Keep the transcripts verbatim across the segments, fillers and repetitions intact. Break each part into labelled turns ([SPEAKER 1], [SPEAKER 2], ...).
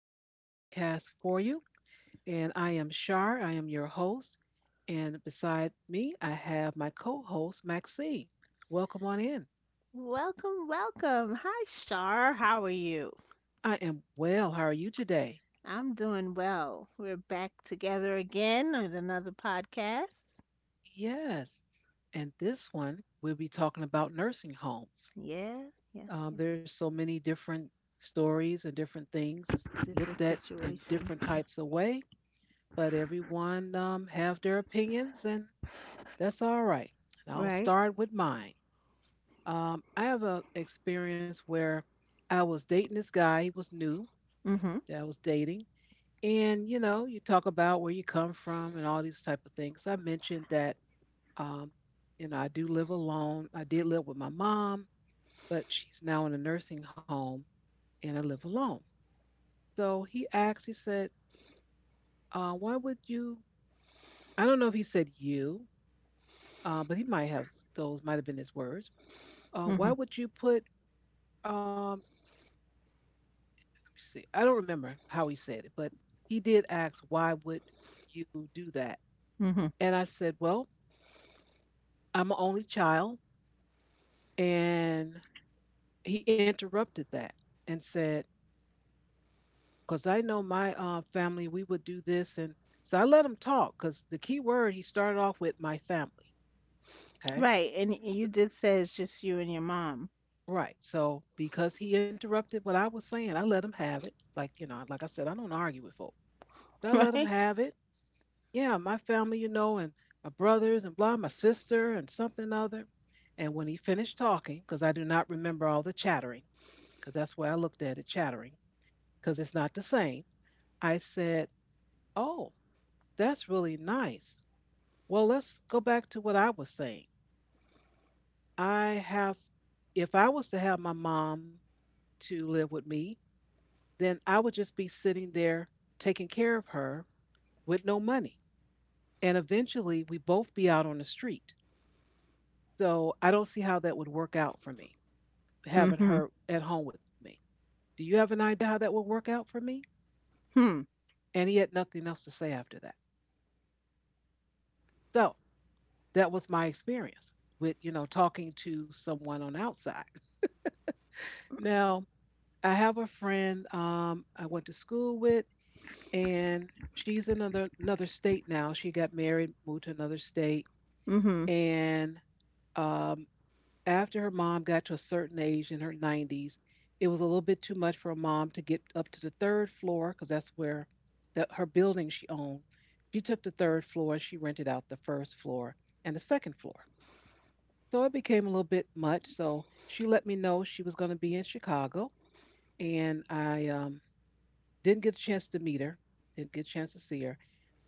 [SPEAKER 1] another podcast for you. And I am Shar. I am your host. And beside me, I have my co host, Maxine. Welcome on in.
[SPEAKER 2] Welcome, welcome. Hi, Shar. How are you?
[SPEAKER 1] I am well. How are you today?
[SPEAKER 2] I'm doing well. We're back together again at another podcast.
[SPEAKER 1] Yes. And this one, we'll be talking about nursing homes.
[SPEAKER 2] Yeah, yeah,
[SPEAKER 1] Um,
[SPEAKER 2] yeah.
[SPEAKER 1] there's so many different stories and different things. It's
[SPEAKER 2] Different
[SPEAKER 1] looked at in
[SPEAKER 2] situation.
[SPEAKER 1] different
[SPEAKER 2] Yeah.
[SPEAKER 1] types of way, but everyone um, have their opinions and that's all right. And I'll
[SPEAKER 2] Right?
[SPEAKER 1] start with mine. Um, I have a experience where I was dating this guy. He was new
[SPEAKER 2] Mm-hmm.
[SPEAKER 1] that I was dating, and you know, you talk about where you come from and all these type of things. I mentioned that, um, you know, I do live alone. I did live with my mom, but she's now in a nursing home, and I live alone. So he asked. He said, uh, "Why would you?" I don't know if he said you, uh, but he might have. Those might have been his words. Uh, why
[SPEAKER 2] Mm-hmm.
[SPEAKER 1] would you put um, see, I don't remember how he said it, but he did ask, "Why would you do that?"
[SPEAKER 2] Mm-hmm.
[SPEAKER 1] And I said, "Well, I'm an only child." And he interrupted that and said, "Because I know my uh, family, we would do this." And so I let him talk because the key word he started off with my family. Okay,
[SPEAKER 2] Right. And y- you did say it's just you and your mom,
[SPEAKER 1] right. So because he interrupted what I was saying, I let him have it. Like you know, like I said, I don't argue with folks. So I let him
[SPEAKER 2] right?
[SPEAKER 1] have it, yeah, my family, you know, and my brothers and blah, my sister and something other. And when he finished talking, because I do not remember all the chattering, because that's where I looked at it, chattering, because it's not the same, I said, oh, that's really nice. Well, let's go back to what I was saying. I have, if I was to have my mom to live with me, then I would just be sitting there taking care of her with no money. And eventually we both be out on the street. So I don't see how that would work out for me, having
[SPEAKER 2] Mm-hmm.
[SPEAKER 1] her at home with me. Do you have an idea how that would work out for me?
[SPEAKER 2] Hmm.
[SPEAKER 1] And he had nothing else to say after that. So that was my experience with, you know, talking to someone on the outside. Now, I have a friend um, I went to school with, and she's in another another state now. She got married, moved to another state,
[SPEAKER 2] Mm-hmm.
[SPEAKER 1] and um, after her mom got to a certain age in her nineties, it was a little bit too much for her mom to get up to the third floor because that's where the, her building she owned. She took the third floor and she rented out the first floor and the second floor. So it became a little bit much. So she let me know she was going to be in Chicago, and I um, didn't get a chance to meet her, didn't get a chance to see her,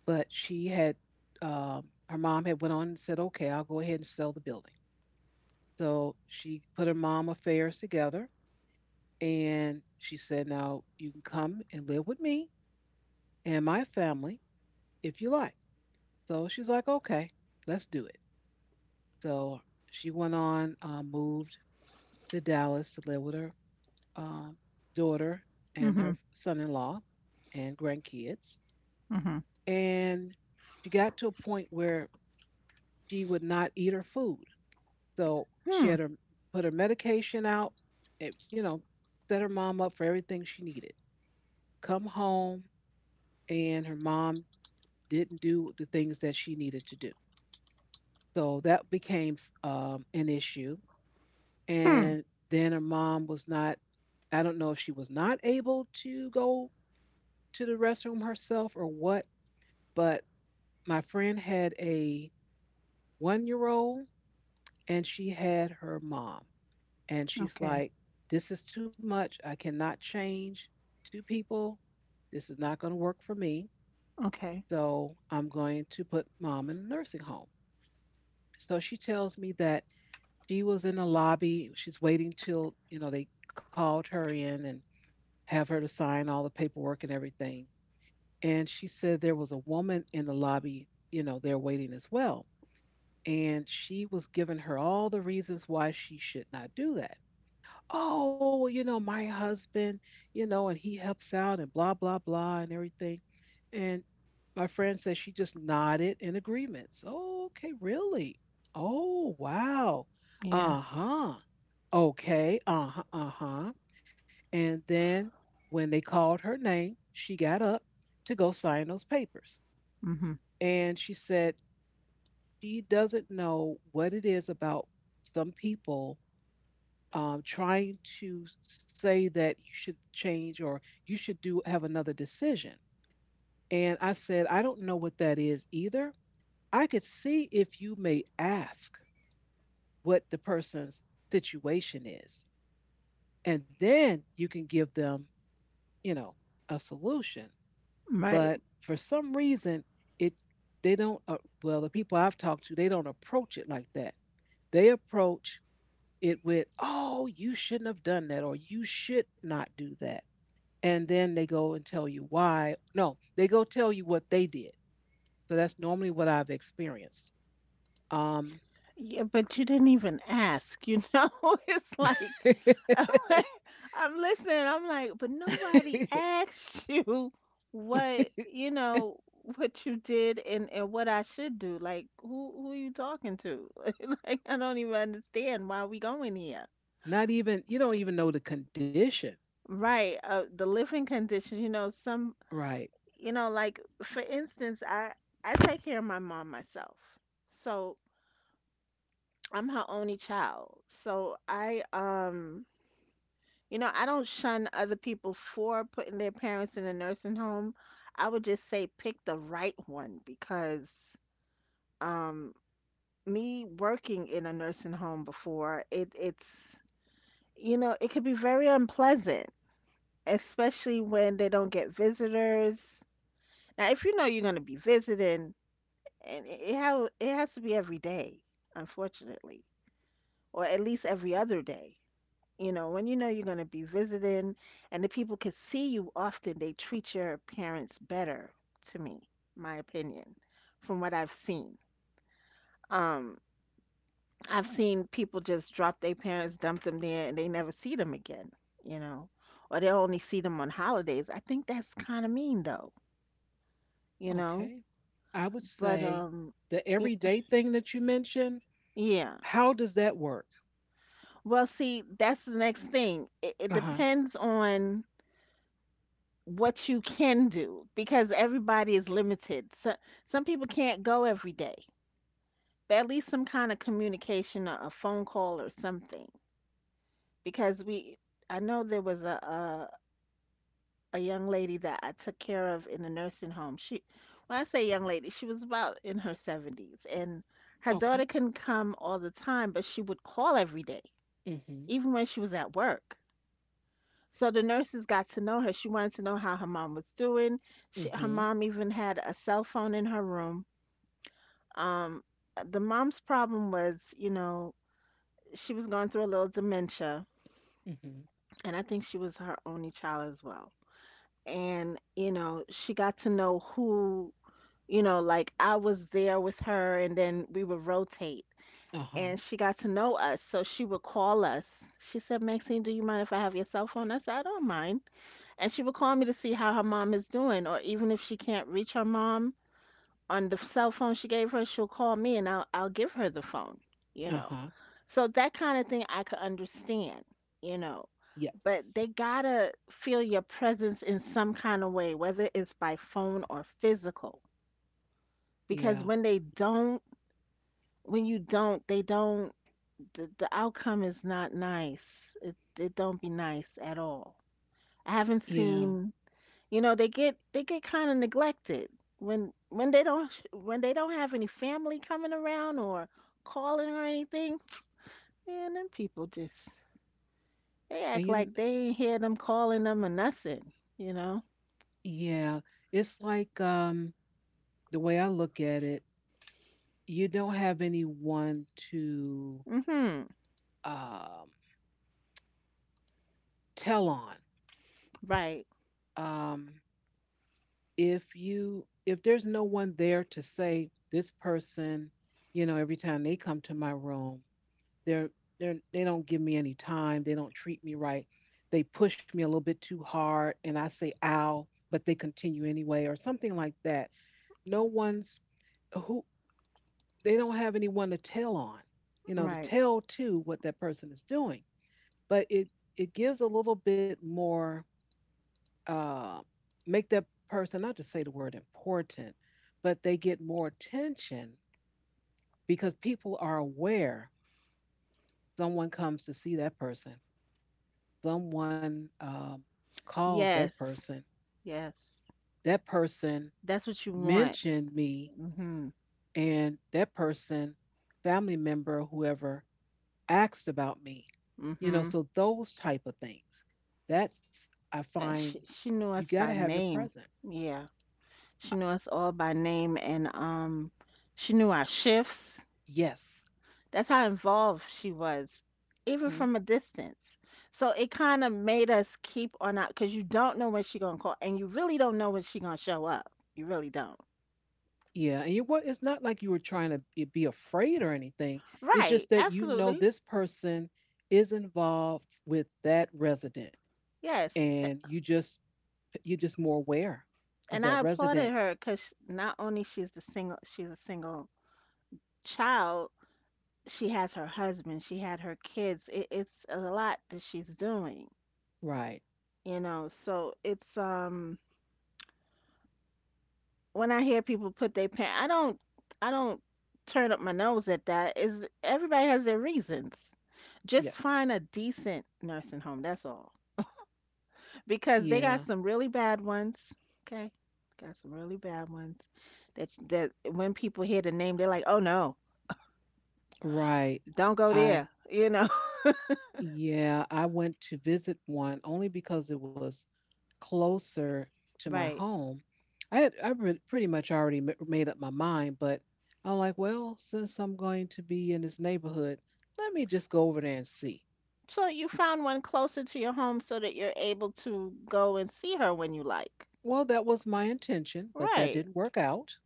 [SPEAKER 1] but she had um, her mom had went on and said, "Okay, I'll go ahead and sell the building." So she put her mom affairs together. And she said, now you can come and live with me and my family if you like. So she's like, okay, let's do it. So she went on, uh, moved to Dallas to live with her um, daughter and
[SPEAKER 2] Mm-hmm.
[SPEAKER 1] her son in law and grandkids.
[SPEAKER 2] Mm-hmm.
[SPEAKER 1] And she got to a point where she would not eat her food. So she
[SPEAKER 2] Hmm.
[SPEAKER 1] had her put her medication out, it, you know, set her mom up for everything she needed. Come home, and her mom didn't do the things that she needed to do. So that became um, an issue.
[SPEAKER 2] Hmm.
[SPEAKER 1] And then her mom was not, I don't know if she was not able to go to the restroom herself or what, but my friend had a one year old and she had her mom. And she's
[SPEAKER 2] Okay.
[SPEAKER 1] like, this is too much. I cannot change two people. This is not going to work for me.
[SPEAKER 2] Okay.
[SPEAKER 1] So I'm going to put mom in a nursing home. So she tells me that she was in the lobby. She's waiting till, you know, they called her in and have her to sign all the paperwork and everything. And she said there was a woman in the lobby, you know, there waiting as well. And she was giving her all the reasons why she should not do that. Oh, well, you know, my husband, you know, and he helps out and blah, blah, blah, and everything. And my friend said she just nodded in agreement. So, okay, really? Oh, wow.
[SPEAKER 2] Yeah.
[SPEAKER 1] Uh huh. Okay. Uh huh. Uh huh. And then when they called her name, she got up to go sign those papers.
[SPEAKER 2] Mm-hmm.
[SPEAKER 1] And she said she doesn't know what it is about some people um, trying to say that you should change or you should do have another decision. And I said, I don't know what that is either. I could see if you may ask what the person's situation is, and then you can give them, you know, a solution.
[SPEAKER 2] Right.
[SPEAKER 1] But for some reason, it they don't. Uh, well, the people I've talked to, they don't approach it like that. They approach it with, "Oh, you shouldn't have done that," or "You should not do that," and then they go and tell you why. No, they go tell you what they did. So that's normally what I've experienced. Um,
[SPEAKER 2] Yeah, but you didn't even ask, you know? It's like I'm listening. I'm like, but nobody asked you what you know what you did and and what I should do. Like, who who are you talking to? Like, I don't even understand why we going here.
[SPEAKER 1] not even you don't even know the condition,
[SPEAKER 2] Right. Uh, the living condition. You know, some.
[SPEAKER 1] right?
[SPEAKER 2] You know, like for instance, I I take care of my mom myself, so I'm her only child. So I um you know, I don't shun other people for putting their parents in a nursing home. I would just say pick the right one because um me working in a nursing home before, it it's you know, it could be very unpleasant, especially when they don't get visitors. Now, if you know you're going to be visiting, and it it, how it has to be every day, unfortunately, or at least every other day. You know, when you know you're going to be visiting and the people can see you often, they treat your parents better, to me, my opinion, from what I've seen. Um, I've seen people just drop their parents, dump them there, and they never see them again, you know, or they only see them on holidays. I think that's kind of mean, though, you know,
[SPEAKER 1] Okay. I would
[SPEAKER 2] but,
[SPEAKER 1] say
[SPEAKER 2] um,
[SPEAKER 1] the
[SPEAKER 2] y-
[SPEAKER 1] everyday thing that you mentioned,
[SPEAKER 2] yeah.
[SPEAKER 1] how does that work?
[SPEAKER 2] Well, see, that's the next thing. It, it
[SPEAKER 1] Uh-huh.
[SPEAKER 2] depends on what you can do because everybody is limited. So, some people can't go every day, but at least some kind of communication, a, a phone call or something. Because we, I know there was a, a a young lady that I took care of in the nursing home. She, when I say young lady, she was about in her seventies, and her daughter
[SPEAKER 1] Okay.
[SPEAKER 2] couldn't come all the time, but she would call every day,
[SPEAKER 1] Mhm.
[SPEAKER 2] even when she was at work. So the nurses got to know her. She wanted to know how her mom was doing. She, her
[SPEAKER 1] Mhm.
[SPEAKER 2] mom even had a cell phone in her room. Um, the mom's problem was, you know, she was going through a little dementia,
[SPEAKER 1] Mhm.
[SPEAKER 2] and I think she was her only child as well. And, you know, she got to know who, you know, like I was there with her, and then we would rotate.
[SPEAKER 1] Uh-huh.
[SPEAKER 2] And she got to know us, so she would call us. She said, "Maxine, do you mind if I have your cell phone?" I said, "I don't mind." And she would call me to see how her mom is doing, or even if she can't reach her mom on the cell phone she gave her, she'll call me and I'll I'll give her the phone, you know.
[SPEAKER 1] Uh-huh.
[SPEAKER 2] So that kind of thing I could understand, you know.
[SPEAKER 1] Yes.
[SPEAKER 2] But they gotta feel your presence in some kind of way, whether it's by phone or physical. Because
[SPEAKER 1] Yeah.
[SPEAKER 2] when they don't, when you don't, they don't, the, the outcome is not nice. It, it don't be nice at all. I haven't
[SPEAKER 1] Yeah.
[SPEAKER 2] seen. You know, they get they get kind of neglected when when they don't when they don't have any family coming around or calling or anything. Man, them people just they
[SPEAKER 1] And
[SPEAKER 2] act
[SPEAKER 1] you kn-
[SPEAKER 2] like they ain't hear them calling them or nothing, you know?
[SPEAKER 1] yeah, it's like um the way I look at it, you don't have anyone to
[SPEAKER 2] Mhm.
[SPEAKER 1] um tell on.
[SPEAKER 2] Right.
[SPEAKER 1] Um if you if there's no one there to say this person, you know, every time they come to my room they're they're they don't give me any time, they don't treat me right, they push me a little bit too hard and I say ow, but they continue anyway or something like that. No one's who they don't have anyone to tell on, you know, to
[SPEAKER 2] Right.
[SPEAKER 1] tell to what that person is doing. But it it gives a little bit more uh, make that person not to say the word important, but they get more attention because people are aware someone comes to see that person, someone um, calls that
[SPEAKER 2] Yes.
[SPEAKER 1] person,
[SPEAKER 2] Yes.
[SPEAKER 1] that person
[SPEAKER 2] That's what you want.
[SPEAKER 1] mentioned me,
[SPEAKER 2] Mhm.
[SPEAKER 1] and that person, family member, whoever asked about me. You know,
[SPEAKER 2] Mhm.
[SPEAKER 1] so those type of things. That's I
[SPEAKER 2] And
[SPEAKER 1] find
[SPEAKER 2] she she knew
[SPEAKER 1] you
[SPEAKER 2] us
[SPEAKER 1] got to
[SPEAKER 2] by
[SPEAKER 1] have your
[SPEAKER 2] name.
[SPEAKER 1] present.
[SPEAKER 2] Yeah. She knew us all by name and um she knew our shifts.
[SPEAKER 1] Yes.
[SPEAKER 2] That's how involved she was, even
[SPEAKER 1] Mhm.
[SPEAKER 2] from a distance. So it kind of made us keep on out because you don't know when she gonna call, and you really don't know when she gonna show up. You really don't.
[SPEAKER 1] Yeah, and you what it's not like you were trying to be be afraid or anything. It's
[SPEAKER 2] Right,
[SPEAKER 1] just that you know
[SPEAKER 2] absolutely.
[SPEAKER 1] this person is involved with that resident
[SPEAKER 2] Yes.
[SPEAKER 1] and
[SPEAKER 2] A-.
[SPEAKER 1] you just you're just more aware of
[SPEAKER 2] And
[SPEAKER 1] that
[SPEAKER 2] I
[SPEAKER 1] resident.
[SPEAKER 2] applauded her because not only she's the single, she's a single child, she has her husband, she had her kids. It, it's a lot that she's doing,
[SPEAKER 1] Right.
[SPEAKER 2] you know. So it's um when I hear people put their parent, I don't, I don't turn up my nose at that. Is everybody has their reasons. Just
[SPEAKER 1] Yes.
[SPEAKER 2] find a decent nursing home. That's all. Because they
[SPEAKER 1] Yeah.
[SPEAKER 2] got some really bad ones. Okay, got some really bad ones. That that when people hear the name, they're like, oh no,
[SPEAKER 1] Right.
[SPEAKER 2] don't go
[SPEAKER 1] I
[SPEAKER 2] there. You know.
[SPEAKER 1] yeah, I went to visit one only because it was closer to my
[SPEAKER 2] Right.
[SPEAKER 1] home. I had I re- pretty much already ma- made up my mind, but I'm like, well, since I'm going to be in this neighborhood, let me just go over there and see.
[SPEAKER 2] So you found one closer to your home so that you're able to go and see her when you like.
[SPEAKER 1] Well, that was my intention, but that
[SPEAKER 2] Right.
[SPEAKER 1] didn't work out.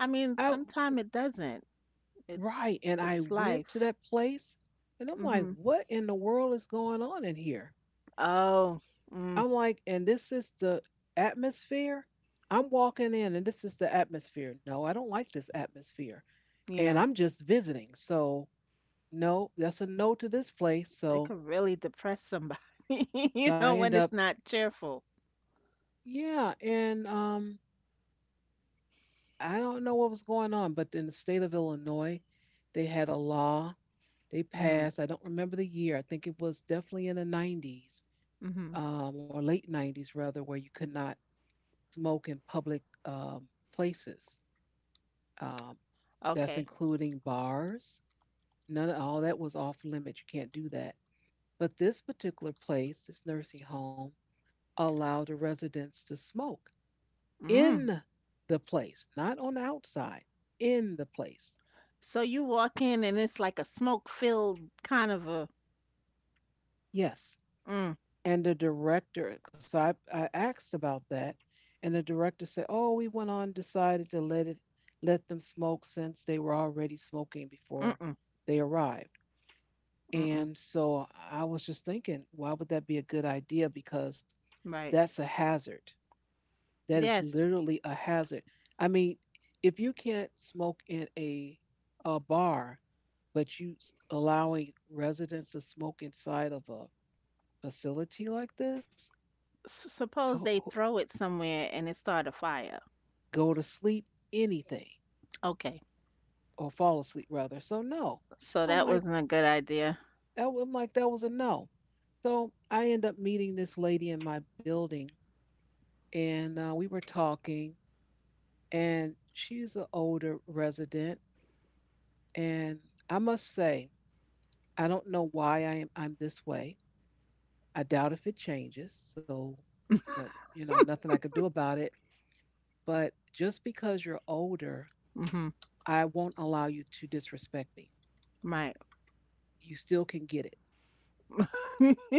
[SPEAKER 2] I mean,
[SPEAKER 1] I
[SPEAKER 2] sometimes it doesn't. It
[SPEAKER 1] right, and I
[SPEAKER 2] it's
[SPEAKER 1] went to
[SPEAKER 2] life.
[SPEAKER 1] that place, and I'm like,
[SPEAKER 2] Mhm.
[SPEAKER 1] what in the world is going on in here?
[SPEAKER 2] Oh,
[SPEAKER 1] I'm
[SPEAKER 2] mm,
[SPEAKER 1] like, and this is the atmosphere. I'm walking in, and this is the atmosphere. No, I don't like this atmosphere, and
[SPEAKER 2] yeah.
[SPEAKER 1] I'm just visiting, so no, that's a no to this place.
[SPEAKER 2] It
[SPEAKER 1] So
[SPEAKER 2] could really depress somebody, you
[SPEAKER 1] so I
[SPEAKER 2] know,
[SPEAKER 1] end
[SPEAKER 2] when
[SPEAKER 1] up,
[SPEAKER 2] it's not cheerful.
[SPEAKER 1] yeah, and um, I don't know what was going on, but in the state of Illinois, they had a law they
[SPEAKER 2] Mhm.
[SPEAKER 1] passed. I don't remember the year. I think it was definitely in the nineties
[SPEAKER 2] Mhm.
[SPEAKER 1] um, or late nineties, rather, where you could not smoke in public um, places. Um, that's
[SPEAKER 2] Okay.
[SPEAKER 1] including bars. None of all that was off limits. You can't do that. But this particular place, this nursing home, allowed the residents to smoke.
[SPEAKER 2] Mm.
[SPEAKER 1] In the place, not on the outside, in the place.
[SPEAKER 2] So you walk in and it's like a smoke-filled kind of a
[SPEAKER 1] Yes.
[SPEAKER 2] mm,
[SPEAKER 1] And the director, because I, I asked about that, and the director said, "Oh, we went on decided to let it let them smoke since they were already smoking before
[SPEAKER 2] mm-mm,
[SPEAKER 1] they arrived."
[SPEAKER 2] mm-mm.
[SPEAKER 1] And so I was just thinking, why would that be a good idea? Because
[SPEAKER 2] Right.
[SPEAKER 1] that's a hazard. That is
[SPEAKER 2] Yes.
[SPEAKER 1] literally a hazard. I mean, if you can't smoke in a a bar, but you s- allowing residents to smoke inside of a facility like this,
[SPEAKER 2] S
[SPEAKER 1] ho-
[SPEAKER 2] suppose they
[SPEAKER 1] ho-
[SPEAKER 2] throw it somewhere and it start a fire.
[SPEAKER 1] go to sleep, anything,
[SPEAKER 2] Okay.
[SPEAKER 1] or fall asleep rather. So no,
[SPEAKER 2] So
[SPEAKER 1] I'm
[SPEAKER 2] that
[SPEAKER 1] like,
[SPEAKER 2] wasn't a good idea.
[SPEAKER 1] that, wa- I'm like that was a no. So I end up meeting this lady in my building, and uh, we were talking, and she's an older resident, and I must say, I don't know why I am I'm this way. I doubt if it changes, so no- you know nothing I could do about it. But just because you're older,
[SPEAKER 2] Mhm.
[SPEAKER 1] I won't allow you to disrespect me.
[SPEAKER 2] Right.
[SPEAKER 1] You still can get it.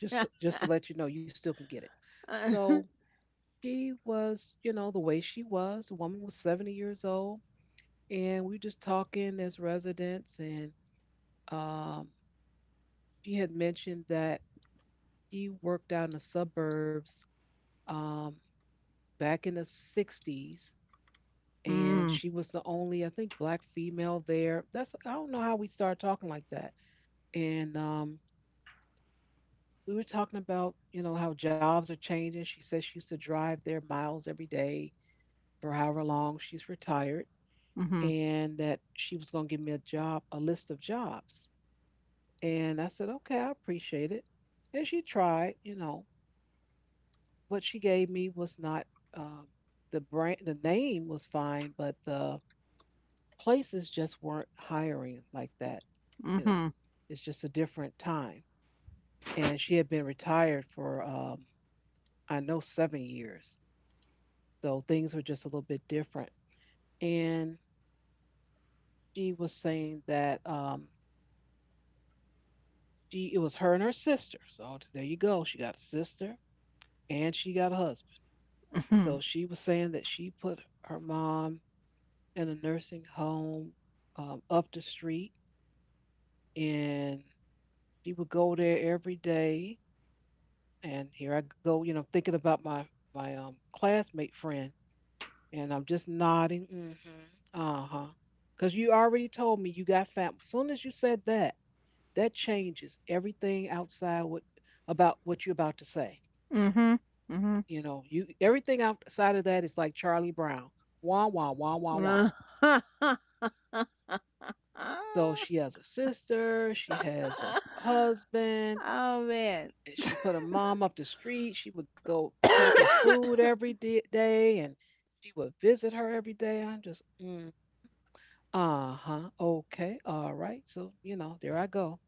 [SPEAKER 1] Just to- just to let you know, you still can get it. So she was, you know, the way she was. The woman was seventy years old, and we were just talking as residents, and um, she had mentioned that she worked out in the suburbs um, back in the sixties, and
[SPEAKER 2] Mm.
[SPEAKER 1] she was the only, I think, black female there. That's I don't know how we started talking like that, and um, we were talking about, you know, how jobs are changing. She says she used to drive there miles every day for however long. She's retired,
[SPEAKER 2] Mhm.
[SPEAKER 1] and that she was going to give me a job, a list of jobs. And I said, okay, I appreciate it. And she tried, you know, what she gave me was not, um, the brand, the name was fine, but the places just weren't hiring like that, you know.
[SPEAKER 2] Mhm.
[SPEAKER 1] It's just a different time. And she had been retired for um, I know seven years. So things were just a little bit different. And she was saying that um, she, it was her and her sister. So there you go. She got a sister and she got a husband. So
[SPEAKER 2] Mhm.
[SPEAKER 1] she was saying that she put her mom in a nursing home um, up the street, and she would go there every day. And here I go, you know, thinking about my my um, classmate friend, and I'm just nodding, mm-hmm, uh huh, because you already told me you got fam. As soon as you said that, that changes everything outside what, about what you're about to say.
[SPEAKER 2] Mhm. Mhm.
[SPEAKER 1] You know, you everything outside of that is like Charlie Brown. Wah wah wah wah wah. So she has a sister, she has a husband,
[SPEAKER 2] Oh man.
[SPEAKER 1] and she put her mom up the street. She would go take her food every di- day, and she would visit her every day. I'm just, mm, uh huh, okay, all right. So you know, there I go,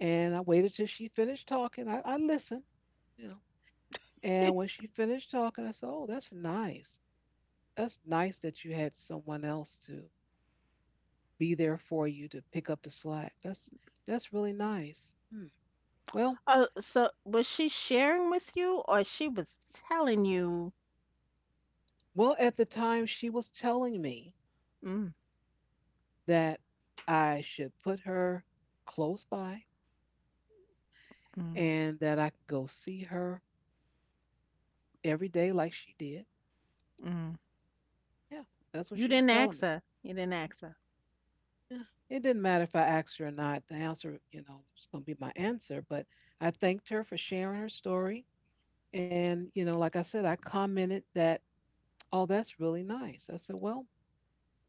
[SPEAKER 1] and I waited till she finished talking. I, I listened, you know. And when she finished talking, I said, oh, that's nice. That's nice that you had someone else to be there for you to pick up the slack. That's that's really nice. Hmm. Well,
[SPEAKER 2] Oh, so was she sharing with you or she was telling you?
[SPEAKER 1] well, at the time she was telling me
[SPEAKER 2] Mm,
[SPEAKER 1] that I should put her close by
[SPEAKER 2] mm,
[SPEAKER 1] and that I could go see her every day like she did.
[SPEAKER 2] mm.
[SPEAKER 1] Yeah, that's what
[SPEAKER 2] You
[SPEAKER 1] she was
[SPEAKER 2] didn't
[SPEAKER 1] telling
[SPEAKER 2] ask
[SPEAKER 1] me.
[SPEAKER 2] her. You didn't ask her.
[SPEAKER 1] Yeah. It didn't matter if I asked her or not. The answer, you know, was going to be my answer. But I thanked her for sharing her story. And, you know, like I said, I commented that, oh, that's really nice. I said, well,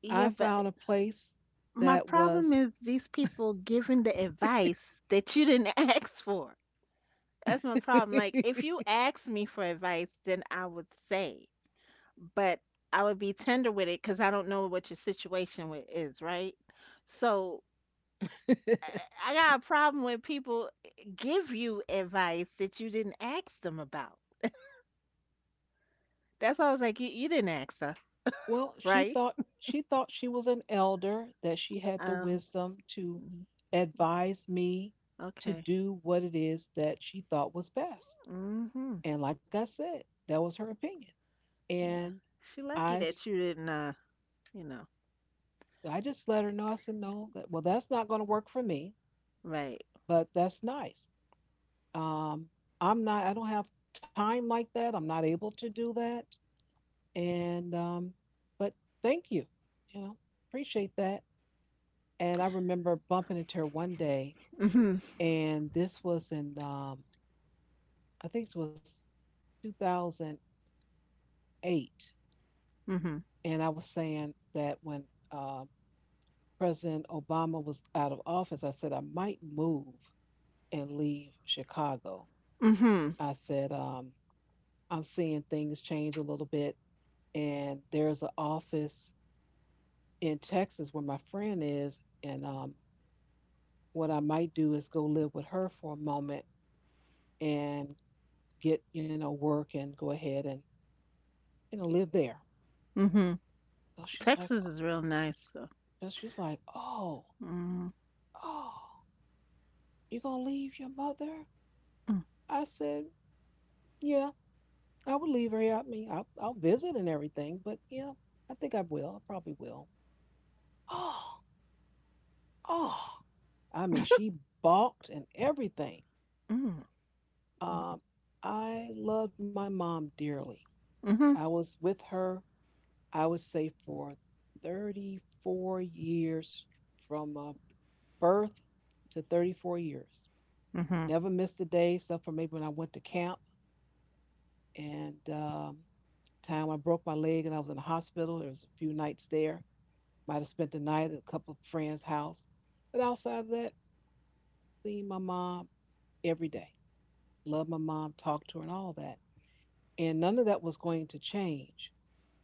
[SPEAKER 2] Yeah,
[SPEAKER 1] I
[SPEAKER 2] but
[SPEAKER 1] found a place
[SPEAKER 2] my
[SPEAKER 1] that
[SPEAKER 2] problem
[SPEAKER 1] was,
[SPEAKER 2] is these people giving the advice that you didn't ask for. That's my problem. Like, if you asked me for advice, then I would say. But I would be tender with it because I don't know what your situation with is, right? So I I got a problem when people eh, give you advice that you didn't ask them about. That's why I was like, you, you didn't ask her,
[SPEAKER 1] well, she
[SPEAKER 2] right?
[SPEAKER 1] thought, she thought she was an elder, that she had the
[SPEAKER 2] Um,
[SPEAKER 1] wisdom to
[SPEAKER 2] mm,
[SPEAKER 1] advise me to
[SPEAKER 2] okay.
[SPEAKER 1] do what it is that she thought was best.
[SPEAKER 2] Mm-hmm.
[SPEAKER 1] And like I said, that was her opinion.
[SPEAKER 2] Yeah.
[SPEAKER 1] And
[SPEAKER 2] She lucky
[SPEAKER 1] I I
[SPEAKER 2] that you didn't, uh, you know,
[SPEAKER 1] just let her know, I said, no, that, well, that's not going to work for me,
[SPEAKER 2] right.
[SPEAKER 1] but that's nice. Um, I'm not, I don't have time like that. I'm not able to do that. And, um, but thank you, you know, appreciate that. And I remember bumping into her one day,
[SPEAKER 2] Mm-hmm.
[SPEAKER 1] and this was in, um, I think it was two thousand eight.
[SPEAKER 2] Mm-hmm.
[SPEAKER 1] And I was saying that when uh, President Obama was out of office, I said I might move and leave Chicago.
[SPEAKER 2] Mm-hmm.
[SPEAKER 1] I said, um, I'm seeing things change a little bit, and there's an office in Texas where my friend is, and um, what I might do is go live with her for a moment and get, you know, work and go ahead and, you know, live there.
[SPEAKER 2] Mm-hmm.
[SPEAKER 1] So she's like,
[SPEAKER 2] Texas is real nice, so.
[SPEAKER 1] so she's like, oh,
[SPEAKER 2] Mm-hmm.
[SPEAKER 1] oh, you gonna leave your mother? I said, yeah, I would leave her here. I mean, I'll, I'll visit and everything, but yeah, I think I will. I probably will. Oh, oh, I mean, she balked and everything.
[SPEAKER 2] Mm-hmm.
[SPEAKER 1] Um, I loved my mom dearly.
[SPEAKER 2] Mm-hmm. Mm-hmm.
[SPEAKER 1] I was with her, I would say, for thirty-four years, from uh, birth to thirty-four years.
[SPEAKER 2] Mm-hmm.
[SPEAKER 1] Never missed a day, except for maybe when I went to camp, and um, time when I broke my leg and I was in the hospital. There was a few nights there. Might have spent the night at a couple of friends' house. But outside of that, seeing my mom every day. Loved my mom, talked to her, and all that. And none of that was going to change,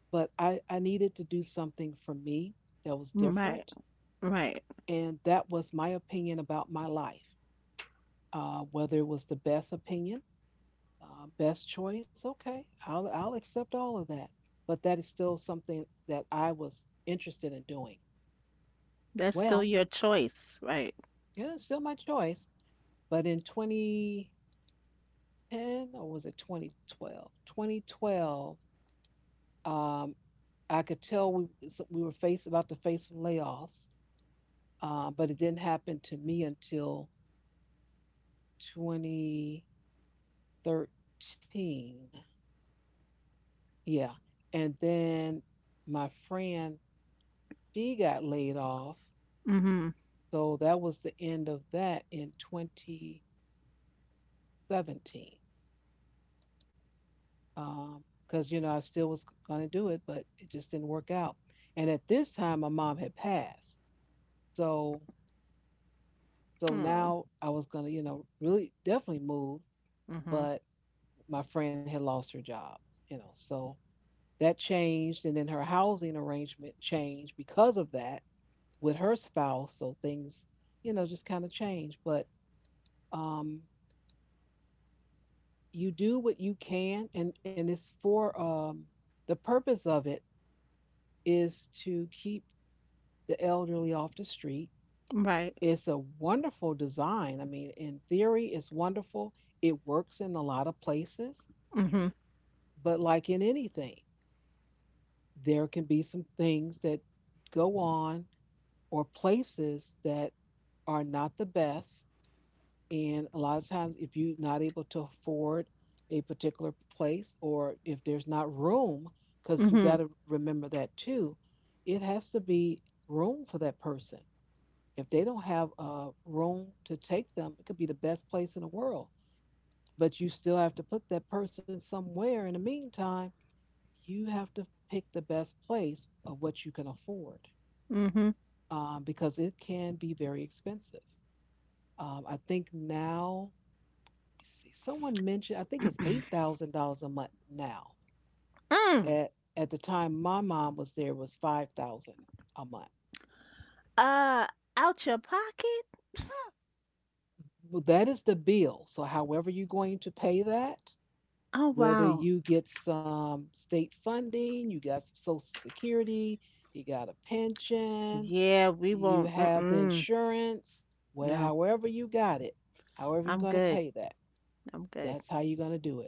[SPEAKER 1] but I, I needed to do something for me that was
[SPEAKER 2] Right.
[SPEAKER 1] different.
[SPEAKER 2] Right.
[SPEAKER 1] And that was my opinion about my life, uh, whether it was the best opinion, uh, best choice. Okay, I'll, I'll accept all of that. But that is still something that I was interested in doing.
[SPEAKER 2] That's still
[SPEAKER 1] Well,
[SPEAKER 2] your choice, right?
[SPEAKER 1] yeah, it's still my choice. But in twenty ten, or was it twenty twelve? twenty twelve, um, I could tell we, so we were face, about to face some layoffs, uh, but it didn't happen to me until twenty thirteen. Yeah. And then my friend, she got laid off.
[SPEAKER 2] Mhm.
[SPEAKER 1] So that was the end of that in twenty seventeen. Um, Because, you know, I still was going to do it, but it just didn't work out. And at this time, my mom had passed. So, so
[SPEAKER 2] Mm.
[SPEAKER 1] now I was going to, you know, really definitely move,
[SPEAKER 2] Mhm.
[SPEAKER 1] but my friend had lost her job, you know. So that changed, and then her housing arrangement changed because of that with her spouse. So things, you know, just kind of change. But um, you do what you can, and and it's for um, the purpose of it is to keep the elderly off the street.
[SPEAKER 2] Right.
[SPEAKER 1] It's a wonderful design. I mean, in theory, it's wonderful. It works in a lot of places,
[SPEAKER 2] Mhm.
[SPEAKER 1] but like in anything, there can be some things that go on or places that are not the best. And a lot of times, if you're not able to afford a particular place, or if there's not room, because you got
[SPEAKER 2] Mhm.
[SPEAKER 1] to remember that too, it has to be room for that person. If they don't have a room to take them, it could be the best place in the world, but you still have to put that person somewhere. In the meantime, you have to pick the best place of what you can afford,
[SPEAKER 2] Mhm.
[SPEAKER 1] um, because it can be very expensive. Um, I think now see. Someone mentioned I think it's eight thousand dollars a month now.
[SPEAKER 2] Mm.
[SPEAKER 1] At at the time my mom was there it was five thousand a month.
[SPEAKER 2] Uh, out your pocket?
[SPEAKER 1] Well, that is the bill. So however you're going to pay that,
[SPEAKER 2] Oh
[SPEAKER 1] whether
[SPEAKER 2] wow.
[SPEAKER 1] you get some state funding, you got some social security, you got a pension,
[SPEAKER 2] Yeah, we
[SPEAKER 1] you
[SPEAKER 2] won't.
[SPEAKER 1] have the
[SPEAKER 2] Mm-mm.
[SPEAKER 1] insurance, whatever,
[SPEAKER 2] No,
[SPEAKER 1] however you got it, however you're
[SPEAKER 2] I'm
[SPEAKER 1] gonna
[SPEAKER 2] good.
[SPEAKER 1] pay that,
[SPEAKER 2] I'm good
[SPEAKER 1] that's how you're gonna do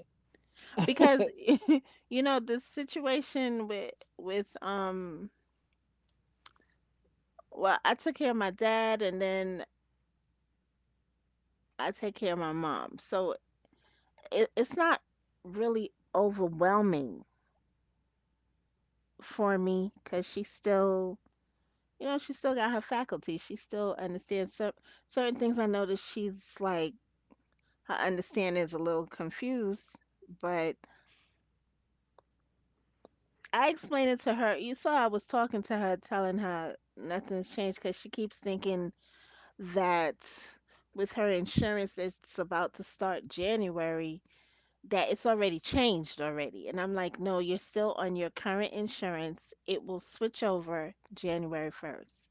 [SPEAKER 1] it.
[SPEAKER 2] because you know the situation with with um. Well, I took care of my dad, and then I take care of my mom, so it, it's not really overwhelming for me because she's still you know, she's still got her faculty. She still understands cer- certain things. I noticed she's like, her understanding is a little confused, but I explained it to her. You saw I was talking to her, telling her nothing's changed because she keeps thinking that with her insurance that's about to start January, that it's already changed already. And I'm like, no, you're still on your current insurance. It will switch over January first.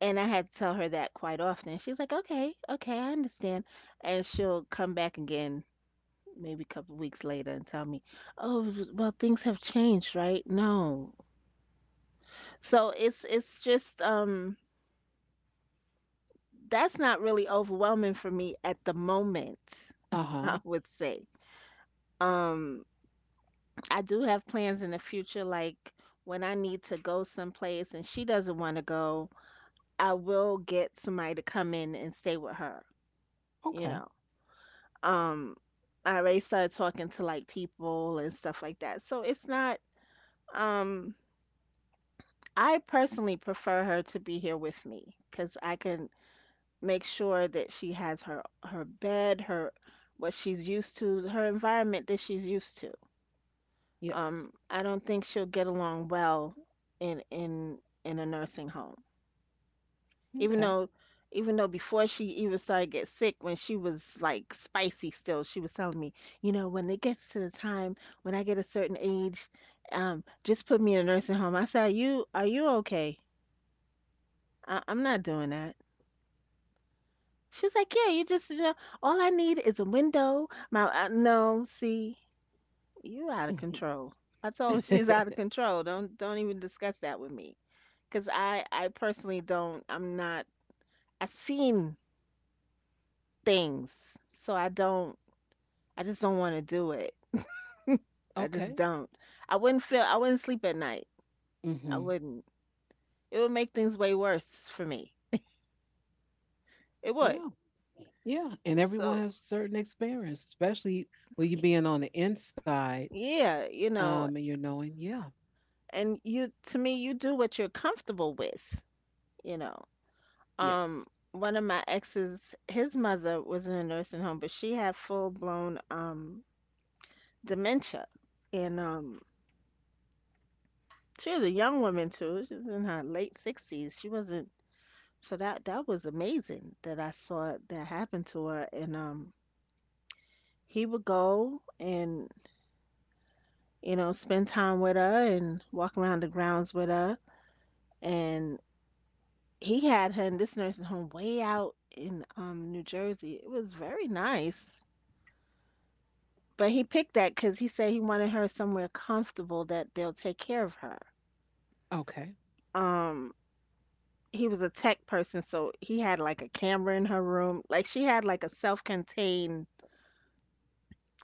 [SPEAKER 2] And I had to tell her that quite often. She's like, "Okay, okay, I understand." And she'll come back again maybe a couple weeks later and tell me, "Oh, well, things have changed, right?" No. So it's it's just um that's not really overwhelming for me at the moment,
[SPEAKER 1] Uh-huh.
[SPEAKER 2] I would say. Um I do have plans in the future, like when I need to go someplace and she doesn't want to go, I will get somebody to come in and stay with her, you
[SPEAKER 1] Okay.
[SPEAKER 2] know. um I already started talking to like people and stuff like that. So it's not um I personally prefer her to be here with me cuz I can make sure that she has her her bed, her what she's used to, her environment that she's used to.
[SPEAKER 1] Yes.
[SPEAKER 2] Um I don't think she'll get along well in in in a nursing home. Even
[SPEAKER 1] Okay.
[SPEAKER 2] though even though before she even started get sick, when she was like spicy still, she was telling me, you know, when it gets to the time, when I get a certain age, um, just put me in a nursing home. I said, you are, you okay? I- I'm not doing that. She was like, yeah, you just, you know, all I need is a window. My uh, no, see, you out of control. I told her she's out of control. don't don't even discuss that with me because i i personally don't. i'm not I am not, I seen things, so I don't. I just don't want to do it. I
[SPEAKER 1] Okay.
[SPEAKER 2] just don't. I wouldn't feel, I wouldn't sleep at night. I
[SPEAKER 1] Hmm.
[SPEAKER 2] wouldn't. It would make things way worse for me. It would.
[SPEAKER 1] Yeah. Yeah. And everyone
[SPEAKER 2] So,
[SPEAKER 1] has certain experience, especially with you being on the inside,
[SPEAKER 2] yeah, you
[SPEAKER 1] um,
[SPEAKER 2] know,
[SPEAKER 1] and you're knowing, yeah,
[SPEAKER 2] and you, to me, you do what you're comfortable with, you know.
[SPEAKER 1] yes.
[SPEAKER 2] Um, one of my exes, his mother was in a nursing home, but she had full blown um dementia. And um she was a young woman too. She was in her late sixties. She wasn't so that that was amazing that I saw that happen to her, and um he would go and, you know, spend time with her and walk around the grounds with her. And he had her in this nursing home way out in um New Jersey. It was very nice, but he picked that because he said he wanted her somewhere comfortable that they'll take care of her.
[SPEAKER 1] Okay.
[SPEAKER 2] um he was a tech person, so he had like a camera in her room. Like she had like a self-contained,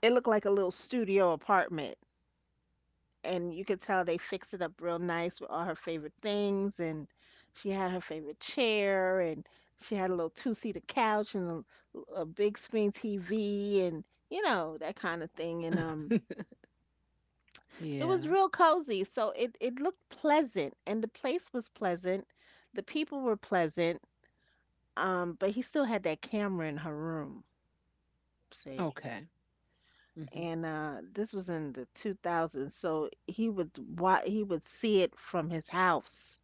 [SPEAKER 2] it looked like a little studio apartment, and you could tell they fixed it up real nice with all her favorite things. And she had her favorite chair, and she had a little two-seater couch, and a, a big screen T V, and you know that kind of thing. And um it
[SPEAKER 1] Yeah.
[SPEAKER 2] was real cozy, so it it looked pleasant, and the place was pleasant, the people were pleasant. Um but he still had that camera in her room, see.
[SPEAKER 1] Okay. Hmm.
[SPEAKER 2] And uh this was in the two thousands, so he would wa- he would see it from his house.